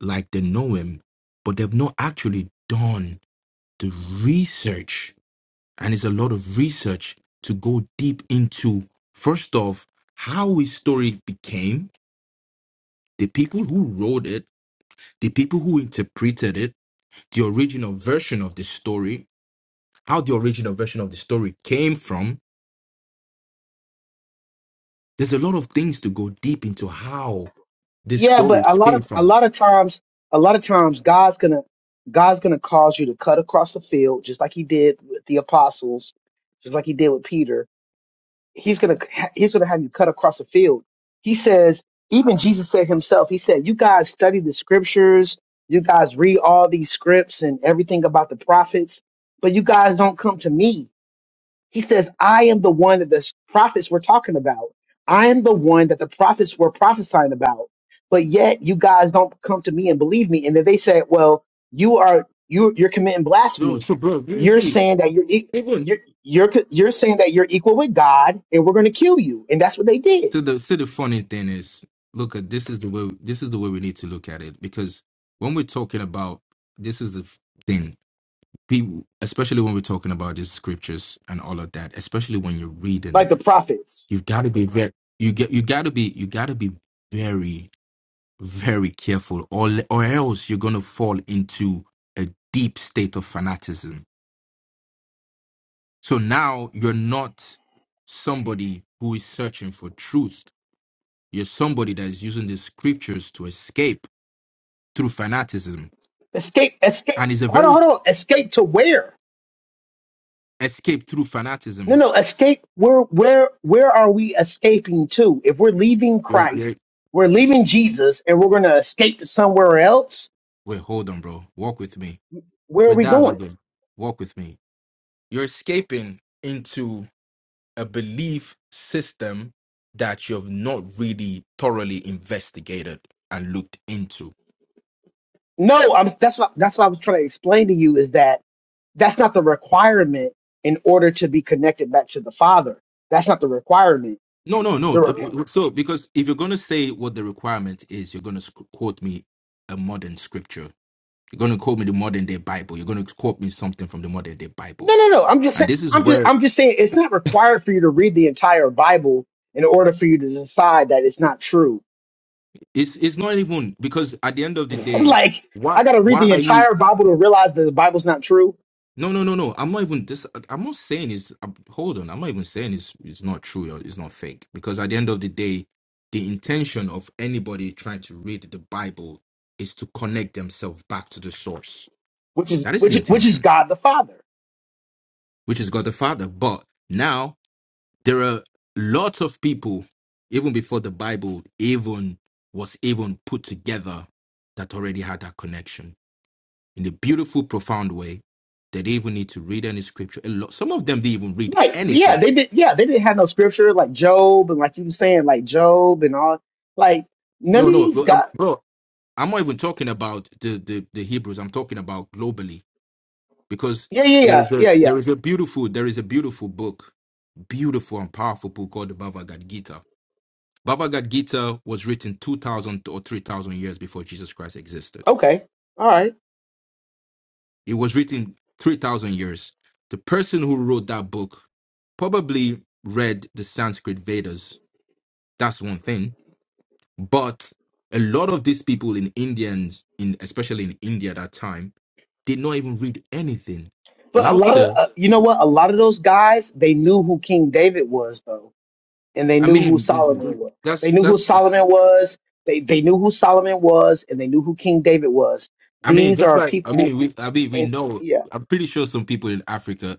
S3: like they know him, but they've not actually done the research. And it's a lot of research to go deep into, first off, how his story became, the people who wrote it, the people who interpreted it, the original version of the story, how the original version of the story came from. There's a lot of things to go deep into how this
S2: Yeah,
S3: story
S2: but a lot
S3: came
S2: of a
S3: from.
S2: lot of times a lot of times God's gonna God's gonna cause you to cut across the field, just like he did with the apostles, just like he did with Peter he's gonna he's gonna have you cut across the field. He says, even Jesus said himself, he said, You guys study the scriptures, you guys read all these scripts and everything about the prophets, but you guys don't come to me. He says, I am the one that the prophets were talking about. I am the one that the prophets were prophesying about. But yet you guys don't come to me and believe me. And then they said, well, you are, you, you're committing
S3: No,
S2: blasphemy.
S3: so bro, you
S2: You're
S3: see,
S2: saying that you're, e-
S3: even
S2: you're, you're, co- you're saying that you're equal with God and we're going to kill you. And that's what they did.
S3: So the so the funny thing is, look at this is the way this is the way we need to look at it because when we're talking about this is the f- thing people, especially when we're talking about these scriptures and all of that, especially when you're reading
S2: Like
S3: it,
S2: the prophets
S3: you've got to be very you get you got to be you got to be very very careful or le- or else you're gonna fall into a deep state of fanaticism. So now you're not somebody who is searching for truth You're somebody that is using the scriptures to escape through fanaticism.
S2: escape, escape.
S3: And it's a
S2: Hold on,
S3: very
S2: hold on. Escape to where?
S3: escape through
S2: No,
S3: fanaticism.
S2: no, escape. Where, where, where are we escaping to? If we're leaving
S3: You're,
S2: Christ,
S3: you're,
S2: we're leaving Jesus, and we're going to escape to somewhere else.
S3: wait, hold on, bro. Walk with me.
S2: Where are
S3: With
S2: we
S3: that,
S2: going?
S3: Lord, bro. walk with me. You're escaping into a belief system that you've not really thoroughly investigated and looked into.
S2: No, I'm. That's what. That's what I was trying to explain to you is that that's not the requirement in order to be connected back to the Father. That's not the requirement.
S3: No, no,
S2: The
S3: no.
S2: requ-
S3: So, because if you're going to say what the requirement is, you're going to sc- quote me a modern scripture You're going to quote me the modern day Bible. You're going to quote me something from the modern day Bible.
S2: no, no, no. I'm just
S3: And
S2: saying.
S3: this is
S2: I'm just.
S3: where
S2: I'm just saying it's not required for you to read the entire Bible in order for you to decide that it's not true.
S3: it's it's not even because at the end of the day,
S2: like I
S3: what
S2: got to read
S3: why
S2: the
S3: are you?
S2: entire Bible to realize that the Bible's not true
S3: No, no, no, no. I'm not even this. I'm not saying it's. uh, Hold on. I'm not even saying it's it's not true or it's not fake. Because at the end of the day, the intention of anybody trying to read the Bible is to connect themselves back to the source.
S2: which is
S3: That is the
S2: which is- which is
S3: intention,
S2: God the Father.
S3: which is God the Father. But now There are lots of people, even before the Bible even was even put together, that already had that connection in a beautiful, profound way. They didn't even need to read any scripture. A lot, some of them didn't even read
S2: Right. Yeah,
S3: anything.
S2: they did yeah, they didn't have no scripture like Job and like you were saying, like Job and all like none of
S3: No, no,
S2: these
S3: bro. I'm,
S2: God
S3: bro, I'm not even talking about the, the the Hebrews. I'm talking about globally because
S2: Yeah, yeah,
S3: there
S2: yeah,
S3: is a
S2: yeah,
S3: there
S2: yeah.
S3: is a beautiful there is a beautiful book, beautiful and powerful book called the Bhagavad Gita Bhagavad Gita was written 2,000 or 3,000 years before Jesus Christ existed.
S2: Okay. All right.
S3: It was written 3,000 years. The person who wrote that book probably read the Sanskrit Vedas. That's one thing. But a lot of these people in Indians, in especially in India at that time, did not even read anything.
S2: But a
S3: Lao
S2: lot of
S3: Tzu,
S2: uh, you know what? A lot of those guys, they knew who King David was though, and they
S3: I
S2: knew who
S3: mean,
S2: Solomon was.
S3: that's
S2: They knew who
S3: that's.
S2: Solomon was. They they knew who Solomon was and they knew who King David was.
S3: I mean,
S2: These
S3: just
S2: are
S3: like I
S2: people
S3: mean, we I mean we
S2: and
S3: know.
S2: yeah.
S3: I'm pretty sure some people in Africa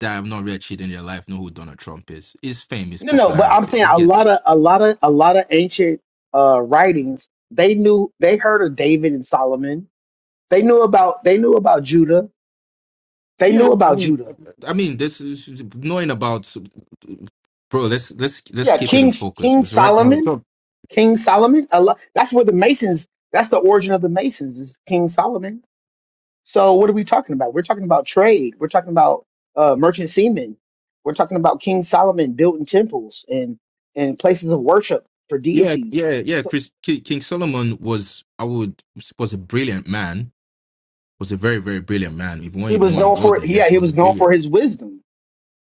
S3: that have not read shit in their life know who Donald Trump is. His fame, his
S2: No, no, but I'm
S3: popularity.
S2: saying
S3: We
S2: a
S3: get
S2: lot
S3: that.
S2: of a lot of a lot of ancient uh writings, they knew they heard of David and Solomon. They knew about they knew about Judah. They
S3: Yeah,
S2: knew
S3: I
S2: about
S3: mean,
S2: Judah.
S3: I mean, this is knowing about, bro. Let's let's let's
S2: Yeah,
S3: keep it in
S2: King
S3: focus.
S2: King
S3: Because right now, it's
S2: Solomon,
S3: up.
S2: King Solomon. A lot, that's where the Masons. That's the origin of the Masons is King Solomon. So what are we talking about? We're talking about trade. We're talking about uh, merchant seamen. We're talking about King Solomon building temples and and places of worship for
S3: Yeah,
S2: deities.
S3: yeah, yeah.
S2: So
S3: Chris Ki- King Solomon was, I would was a brilliant man. Was a very very brilliant man. If you want,
S2: he
S3: even
S2: was
S3: want to
S2: known
S3: go
S2: for
S3: there,
S2: yeah
S3: yes, it
S2: he
S3: was a
S2: was known for
S3: brilliant.
S2: his wisdom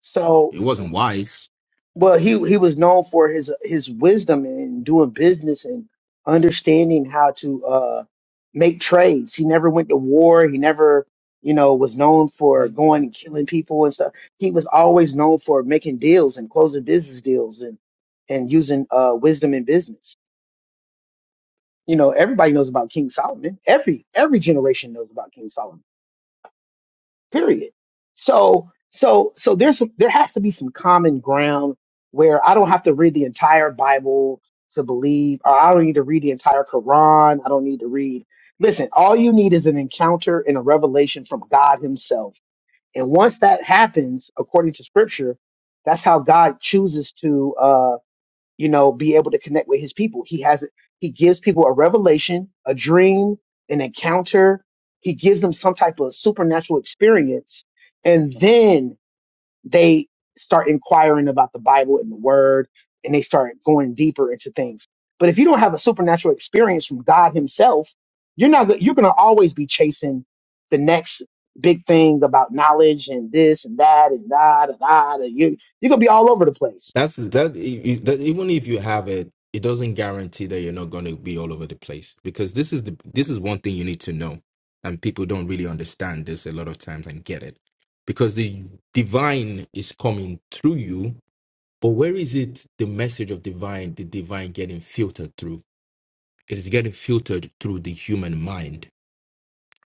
S2: so
S3: It
S2: so
S3: wasn't wise.
S2: well he he was known for his his wisdom and doing business and understanding how to uh make trades he never went to war he never you know was known for going and killing people and stuff he was always known for making deals and closing business deals and and using uh wisdom in business you know everybody knows about king solomon every every generation knows about king solomon period so so so there's there has to be some common ground where i don't have to read the entire bible to believe or i don't need to read the entire quran i don't need to read listen all you need is an encounter and a revelation from god himself and once that happens according to scripture that's how god chooses to uh, you know, be able to connect with his people. He has he gives people a revelation, a dream, an encounter. He gives them some type of supernatural experience, and then they start inquiring about the Bible and the Word, and they start going deeper into things. But if you don't have a supernatural experience from God Himself, you're not go- you're going to always be chasing the next big thing about knowledge and this and that and da da da. da. You you're gonna be all over the place.
S3: That's that, you- you- that. Even if you have it, it doesn't guarantee that you're not going to be all over the place because this is the this is one thing you need to know, and people don't really understand this a lot of times and get it because the divine is coming through you, but where is it the message of divine? The divine getting filtered through? It is getting filtered through the human mind,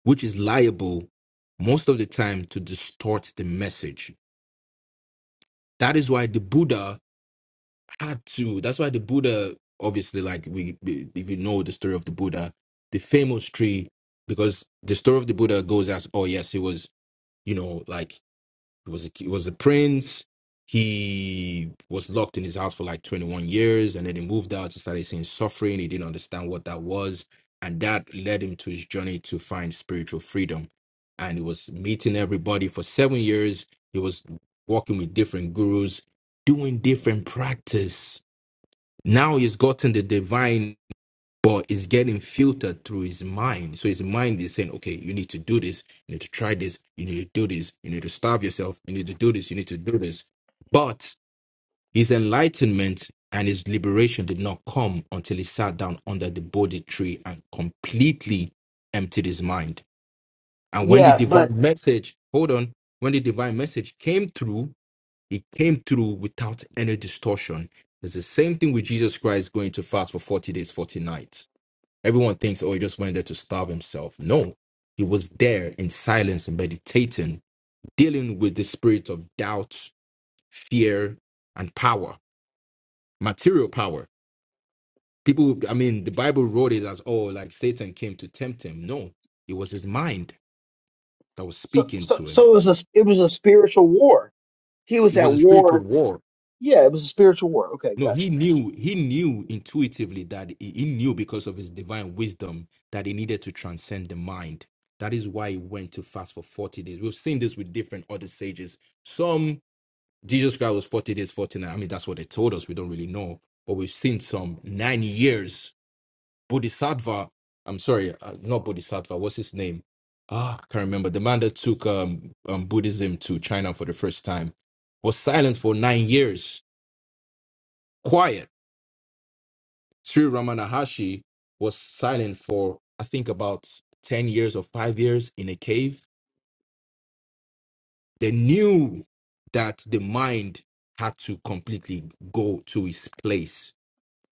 S3: which is liable most of the time to distort the message. That is why the Buddha had to. That's why the Buddha, obviously, like we, we- if you know the story of the Buddha, the famous tree, because the story of the Buddha goes as, oh yes, he was, you know, like he was, a, he was a prince. He was locked in his house for like 21 years, and then he moved out. He started seeing suffering. He didn't understand what that was, and that led him to his journey to find spiritual freedom. And he was meeting everybody for seven years. He was walking with different gurus, doing different practice now he's gotten the divine, but it's getting filtered through his mind. So his mind is saying, okay, you need to do this, you need to try this, you need to do this, you need to starve yourself, you need to do this, you need to do this. But his enlightenment and his liberation did not come until he sat down under the Bodhi tree and completely emptied his mind. And when the
S2: Yeah,
S3: divine message, hold on, when the divine message came through, he came through without any distortion. It's the same thing with Jesus Christ going to fast for 40 days, 40 nights. Everyone thinks, oh, he just went there to starve himself. No, he was there in silence and meditating, dealing with the spirit of doubt, fear, and power, material power. People, I mean, the Bible wrote it as, oh, like Satan came to tempt him. No, it was his mind that was
S2: So,
S3: speaking
S2: so,
S3: to him.
S2: so it was a it was a spiritual war. He was
S3: It
S2: at
S3: was a spiritual
S2: war.
S3: war
S2: Yeah, it was a spiritual war. Okay,
S3: No,
S2: got
S3: he
S2: you.
S3: knew, he knew intuitively that he he knew because of his divine wisdom that he needed to transcend the mind. That is why he went to fast for 40 days. We've seen this with different other sages. Some, Jesus Christ was 40 days, 40 nights. I mean, that's what they told us. We don't really know. But we've seen some nine years. Bodhisattva, I'm sorry, uh, not Bodhisattva, what's his name? Ah, I can't remember. The man that took um, um, Buddhism to China for the first time was silent for nine years, quiet Sri Ramanahashi was silent for, I think, about 10 years or five years in a cave. They knew that the mind had to completely go to its place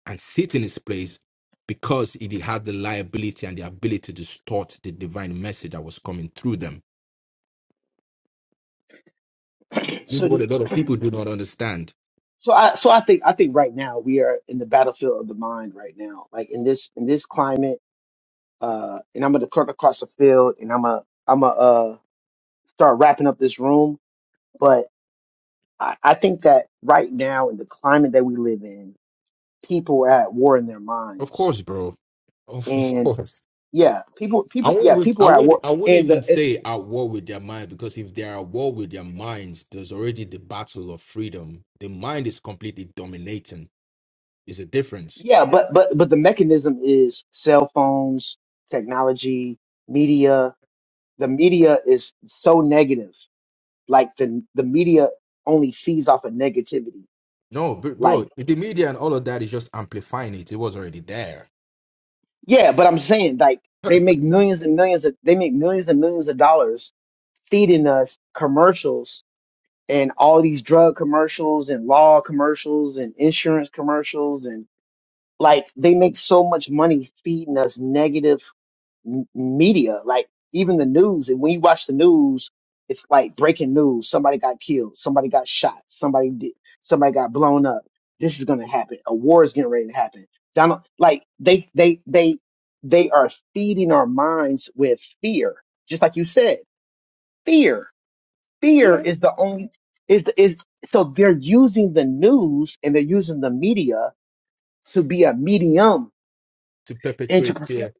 S3: and sit in its place because it had the liability and the ability to distort the divine message that was coming through them. This is
S2: So, do
S3: what a
S2: you,
S3: lot of people do not understand.
S2: so I so I think I think right now we are in the battlefield of the mind right now. Like in this in this climate, uh, and I'm gonna cut across the field, and I'm a I'm a uh start wrapping up this room. But I, I think that right now in the climate that we live in, people are at war in their
S3: Of
S2: minds,
S3: course, bro. Of, of
S2: and
S3: course.
S2: yeah, people
S3: I
S2: people yeah
S3: would,
S2: people
S3: I
S2: are at
S3: would,
S2: war,
S3: I would
S2: and
S3: even
S2: the
S3: say at war with their mind because if they are at war with their minds, there's already the battle of freedom. The mind is completely dominating. Is a difference.
S2: Yeah, but but but the mechanism is cell phones, technology, media. The media is so negative. Like the the media only feeds off of negativity.
S3: No, br-
S2: Like
S3: bro, the media and all of that is just amplifying it. It was already there.
S2: yeah, but I'm saying like they make millions and millions of they make millions and millions of dollars feeding us commercials and all these drug commercials and law commercials and insurance commercials and like they make so much money feeding us negative m- media, like even the news. And when you watch the news, it's like breaking news. Somebody got killed. Somebody got shot. Somebody did. Somebody got blown up. This is going to happen. A war is getting ready to happen. Donald, like they, they, they, they are feeding our minds with fear. Just like you said, fear, fear
S3: Yeah,
S2: is the only, is, the, is, so they're using the news and they're using the media to be a medium
S3: to
S2: and to
S3: perpetuate
S2: perform.
S3: fear.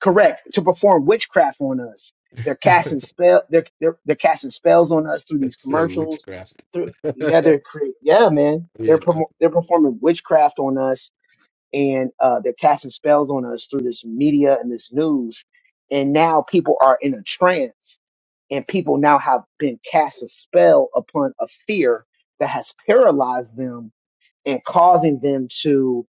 S2: correct to perform witchcraft on us. They're casting spell. They're they're, they're casting spells on us through these
S3: That's uh,
S2: commercials.
S3: witchcraft.
S2: Through yeah,
S3: I
S2: they're cre- yeah, man. They're
S3: mean, I-
S2: promo they're performing witchcraft on us, and uh, they're casting spells on us through this media and this news. And now people are in a trance, and people now have been cast a spell upon a fear that has paralyzed them and causing them to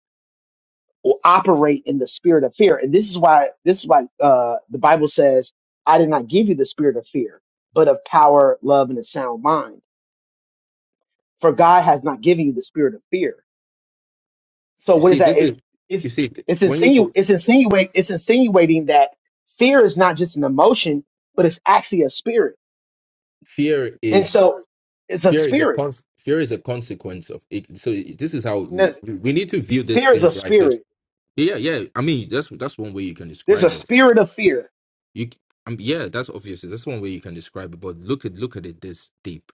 S2: or operate in the spirit of fear. And this is why this is why uh, the Bible says, "I did not give you the spirit of fear, but of power, love, and a sound mind." For God has not given you the spirit of fear. So
S3: you
S2: what is
S3: see,
S2: that?
S3: this is
S2: It, it's
S3: you see th-
S2: it's
S3: when you
S2: insinu-
S3: put
S2: it's insinuating it's insinuating that fear is not just an emotion, but it's actually a spirit.
S3: fear
S2: And
S3: is
S2: so it's a
S3: fear is a
S2: spirit.
S3: cons- fear is a consequence of it. So this is how
S2: No,
S3: we, we need to view these
S2: Fear is a
S3: things right
S2: spirit.
S3: Yeah, yeah. I mean, that's that's one way you can
S2: There's a
S3: describe it.
S2: spirit of fear.
S3: You, c- I mean, yeah, that's obviously that's one way you can describe it. But look at look at it this deep.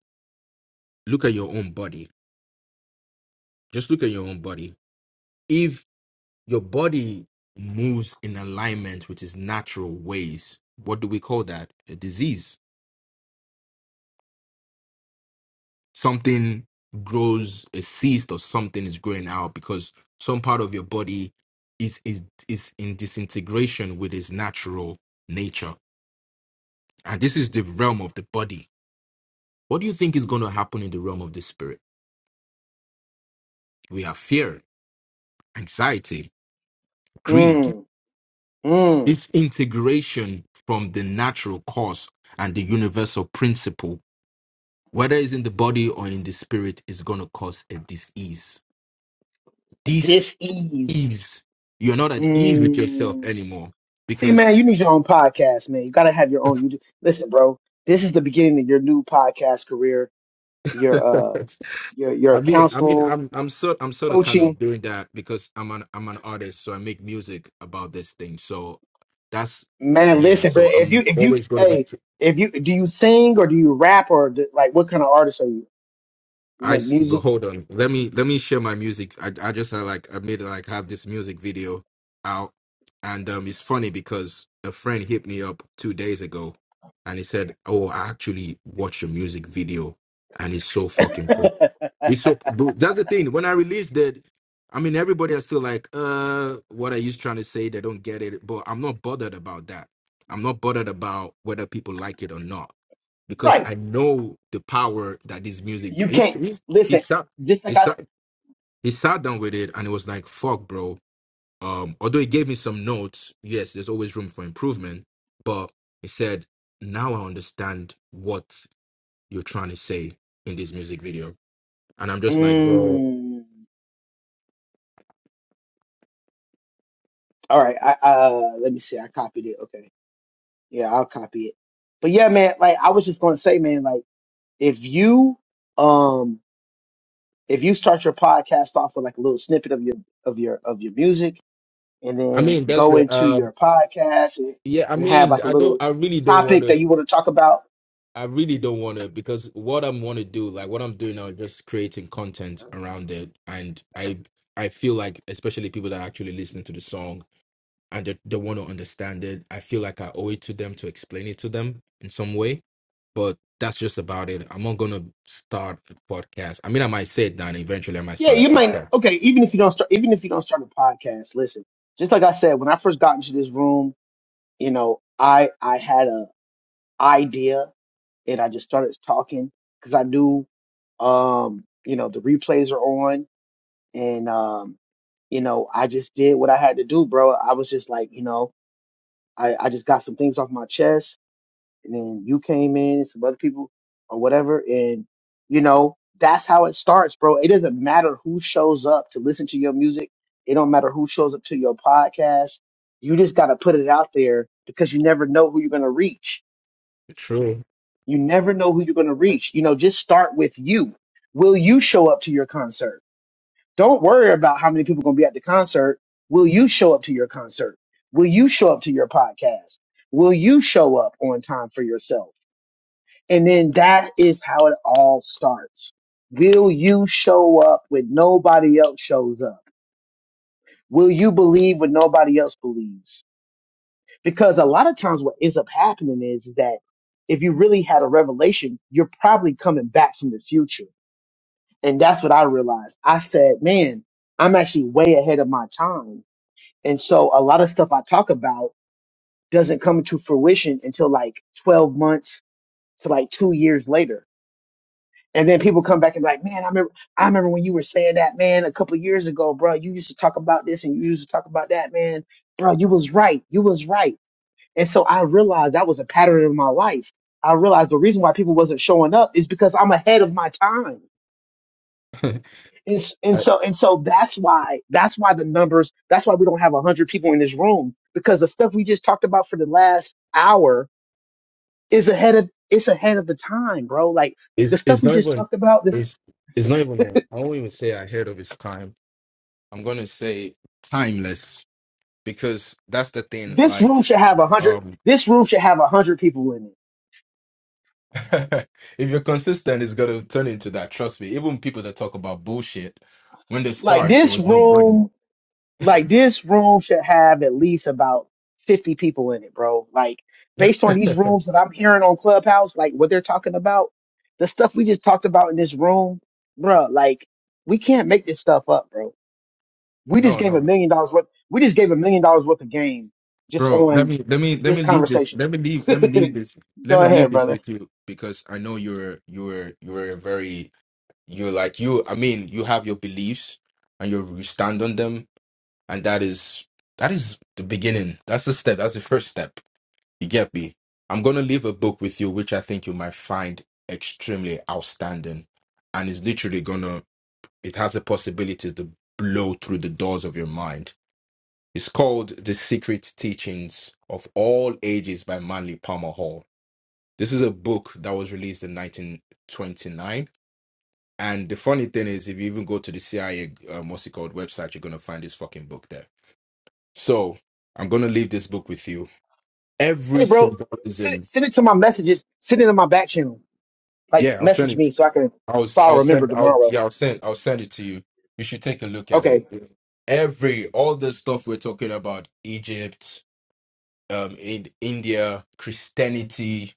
S3: Look at your own body. Just look at your own body. If your body moves in alignment with its natural ways, what do we call that? A disease. Something grows a cyst or something is growing out because some part of your body is is is in disintegration with its natural nature. And this is the realm of the body What do you think is going to happen in the realm of the spirit? We have fear, anxiety, greed,
S2: Mm, mm.
S3: disintegration from the natural cause and the universal principle, whether it's in the body or in the spirit, is going to cause a dis ease. Dis
S2: Dis ease.
S3: ease. You're not at ease with yourself anymore
S2: See,
S3: because
S2: man, you need your own podcast, man. You gotta have your own. You do- listen, bro. This is the beginning of your new podcast career. Your uh, your your
S3: I mean, I mean,
S2: counsel
S3: I'm I'm sort I'm sort of kind of
S2: coaching,
S3: doing that because I'm an I'm an artist, so I make music about this thing. So that's
S2: man.
S3: yeah.
S2: Listen, bro.
S3: So
S2: If you
S3: I'm
S2: if you
S3: always going to
S2: hey,
S3: be.
S2: if you do you sing or do you rap or do, like what kind of artist are you? You
S3: I
S2: make
S3: s- but
S2: music,
S3: hold on. Let me let me share my music. I I just uh, like I made like have this music video out, and um, it's funny because a friend hit me up two days ago, and he said, "Oh, I actually watched your music video, and it's so fucking." It's so but that's the thing. When I released that, I mean everybody are still like, uh, what are you trying to say? They don't get it. But I'm not bothered about that. I'm not bothered about whether people like it or not. Because
S2: right?
S3: I know the power that this music
S2: You
S3: he
S2: can't
S3: he, he
S2: listen.
S3: sat
S2: Just
S3: he
S2: like I.
S3: sat he sat down with it and it was like, fuck, bro. Um, although he gave me some notes, yes, there's always room for improvement, but he said, Now I understand what you're trying to say in this music video. And I'm just like, bro,
S2: Mm, all right. I uh, let me see. I copied it. Okay. Yeah, I'll copy it. But yeah, man. Like I was just gonna say, man. Like. if you um if you start your podcast off with like a little snippet of your of your of your music and
S3: I
S2: then
S3: mean, that's
S2: go
S3: it.
S2: into
S3: Um,
S2: your podcast and,
S3: yeah, I
S2: and have
S3: mean,
S2: like a
S3: I
S2: little
S3: don't, I really don't want
S2: topic that
S3: to,
S2: you want to talk about
S3: I really don't want to, because what I'm want to do, like what I'm doing now, is just creating content around it, and I, I feel like, especially people that are actually listening to the song, and they, they want to understand it. I feel like I owe it to them to explain it to them in some way, but that's just about it. I'm not gonna start a podcast. I mean, I might say it down eventually. I might
S2: yeah
S3: start a
S2: you might
S3: podcast.
S2: okay even if you don't start even if you don't start a podcast listen just like i said when i first got into this room you know i i had a idea and i just started talking because i knew um you know the replays are on and um, you know, I just did what I had to do, bro. I was just like, you know, I, I just got some things off my chest, and then you came in, some other people or whatever, and you know, that's how it starts, bro. It doesn't matter who shows up to listen to your music. It don't matter who shows up to your podcast. You just gotta put it out there because you never know who you're gonna reach.
S3: True.
S2: You never know who you're gonna
S3: I-
S2: reach. You know, just start with you. Will you show up to your concert? Don't worry about how many people are going to be at the concert. Will you show up to your concert? Will you show up to your podcast? Will you show up on time for yourself? And then that is how it all starts. Will you show up when nobody else shows up? Will you believe when nobody else believes? Because a lot of times what ends up happening is, is that if you really had a revelation, you're probably coming back from the future. And that's what I realized. I said, man, I'm actually way ahead of my time And so a lot of stuff I talk about doesn't come to fruition until like 12 months to like two years later. And then people come back and be like, man, I remember, I remember when you were saying that, man, a couple of years ago, bro, you used to talk about this and you used to talk about that, man. Bro, you was right. You was right. And so I realized that was a pattern in my life. I realized the reason why people wasn't showing up is because I'm ahead of my time. And, s- and
S3: I,
S2: so and so that's why that's why the numbers that's why we don't have 100 people in this room because the stuff we just talked about for the last hour is ahead of it's ahead of the time bro like the
S3: it's
S2: stuff
S3: it's
S2: we
S3: not
S2: just
S3: even
S2: talked about this
S3: it's it's not even a- I won't even say ahead of its time. I'm gonna say timeless because that's the thing.
S2: this room
S3: Like,
S2: should have 100
S3: um,
S2: this room should have 100 people in it
S3: If you're consistent, it's gonna turn into that. Trust me. Even people that talk about bullshit, when they
S2: like
S3: start, there
S2: this
S3: was no button.
S2: room like this room should have at least about 50 people in it, bro. Like based on these rooms that I'm hearing on Clubhouse, like what they're talking about, the stuff we just talked about in this room, bro, like we can't make this stuff up, bro. We just
S3: No,
S2: gave a
S3: no.
S2: million dollars worth. We just gave a million dollars worth of game just
S3: Bro, let
S2: on
S3: me let me let
S2: this
S3: me leave this.
S2: conversation.
S3: Let me leave let me leave this. Let
S2: Go
S3: me leave
S2: ahead,
S3: this
S2: brother.
S3: with you because I know you're you're you're a very you're like you I mean, you have your beliefs and you you stand on them and that is that is the beginning. That's the step. That's the first step. You get me? I'm going to leave a book with you, which I think you might find extremely outstanding. And it's literally going to, it has the possibilities to blow through the doors of your mind. It's called The Secret Teachings of All Ages by Manly Palmer Hall. This is a book that was released in 1929. And the funny thing is, if you even go to the CIA, um, what's it called, website, you're going to find this fucking book there. So I'm going to leave this book with you. Every
S2: Hey, bro, send, it-
S3: symbolism.
S2: send it to my messages. Send it in my back channel. Like
S3: Yeah, I'll send
S2: message
S3: it
S2: me so I can
S3: I'll
S2: so
S3: s-
S2: I'll
S3: I'll
S2: remember
S3: send out yeah
S2: tomorrow.
S3: I'll send I'll send it to you. You should take a look at
S2: Okay,
S3: it. Every all the stuff we're talking about Egypt, um, in India, Christianity,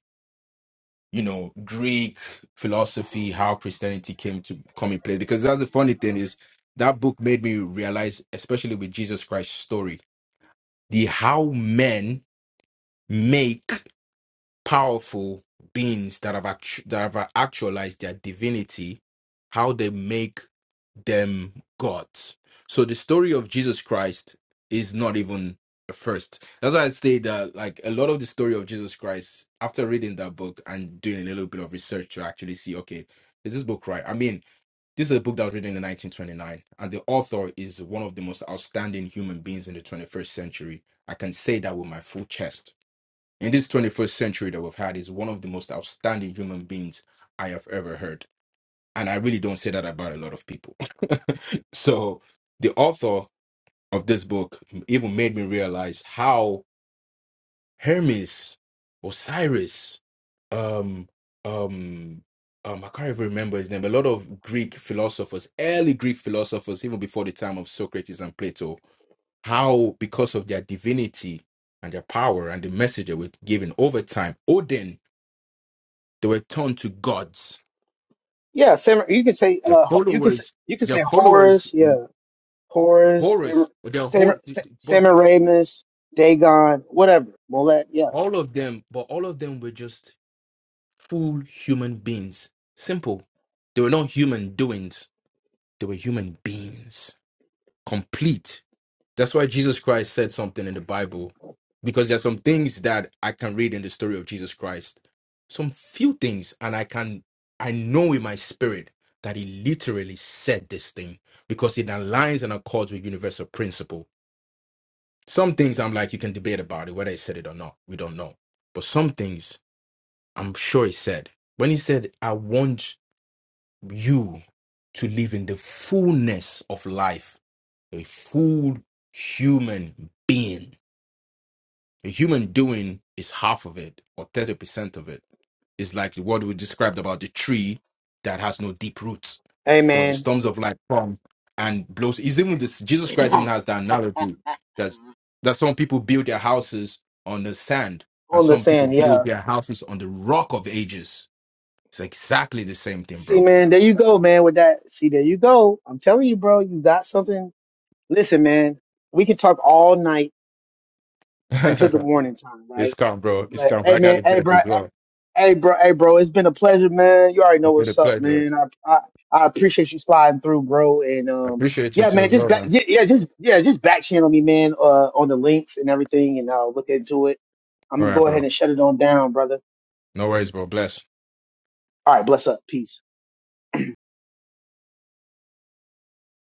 S3: you know, Greek philosophy, how Christianity came to come in place. Because that's the funny thing is that book made me realize, especially with Jesus Christ's story, the how men make powerful beings that have actu- that have actualized their divinity, how they make them gods. So the story of Jesus Christ is not even a first. That's why I say that like a lot of the story of Jesus Christ, after reading that book and doing a little bit of research to actually see, okay, is this book right? I mean, this is a book that was written in 1929, and the author is one of the most outstanding human beings in the 21st century. I can say that with my full chest in this 21st century that we've had is one of the most outstanding human beings I have ever heard. And I really don't say that about a lot of people. so the author of this book even made me realize how Hermes, Osiris, um, um, um, I can't even remember his name. A lot of Greek philosophers, early Greek philosophers, even before the time of Socrates and Plato, how because of their divinity and their power and the message they were given over time, Odin They were turned to gods.
S2: Yeah, samurai. You can say
S3: Their
S2: uh, ho- you can say
S3: followers,
S2: you can
S3: their
S2: say
S3: followers,
S2: Horus. Yeah, Horus, Sam,
S3: Horus, their
S2: Sam,
S3: whole, but
S2: Sam, Samaramus, Dagon, whatever. Molet. Yeah.
S3: all of them, but all of them were just full human beings. Simple. They were not human doings. They were human beings, complete That's why Jesus Christ said something in the Bible, because there's some things that I can read in the story of Jesus Christ, some few things, and I can I know in my spirit that he literally said this thing because it aligns and accords with universal principle. Some things I'm like you can debate about it whether he said it or not. We don't know, but some things I'm sure he said when he said, "I want you to live in the fullness of life, a full human being." The human doing is half of it or 30% of it. It's like what we described about the tree that has no deep roots,
S2: Hey
S3: but the
S2: man,
S3: storms of life come and blows. Is even this Jesus Christ even has that analogy that that some people build their houses on the sand and
S2: on the
S3: some people
S2: sand.
S3: build
S2: Yeah.
S3: their houses on the rock of ages. It's exactly the same thing,
S2: See
S3: bro.
S2: man, there you go, man. With that, see there you go. I'm telling you, bro, you got something. Listen, man, we can talk all night until the
S3: it's
S2: morning time, right?
S3: calm, bro. It's
S2: But
S3: calm.
S2: hey,
S3: I got
S2: man,
S3: a
S2: hey,
S3: jet
S2: bro,
S3: as
S2: hey,
S3: well.
S2: Hey, bro. Hey, bro. It's been a pleasure, man. You already know
S3: It's been a
S2: what's up,
S3: pleasure.
S2: man. I I, I appreciate you sliding through, bro. And
S3: I
S2: um,
S3: appreciate you
S2: yeah,
S3: too
S2: man.
S3: as
S2: Just
S3: well,
S2: back,
S3: man.
S2: yeah, yeah, just yeah, just back channel me, man. Uh, on the links and everything, and I'll look into it. I'm
S3: All
S2: gonna
S3: right,
S2: go ahead
S3: bro.
S2: and shut it on down, brother.
S3: No worries, bro. Bless.
S2: All right. Bless up. Peace.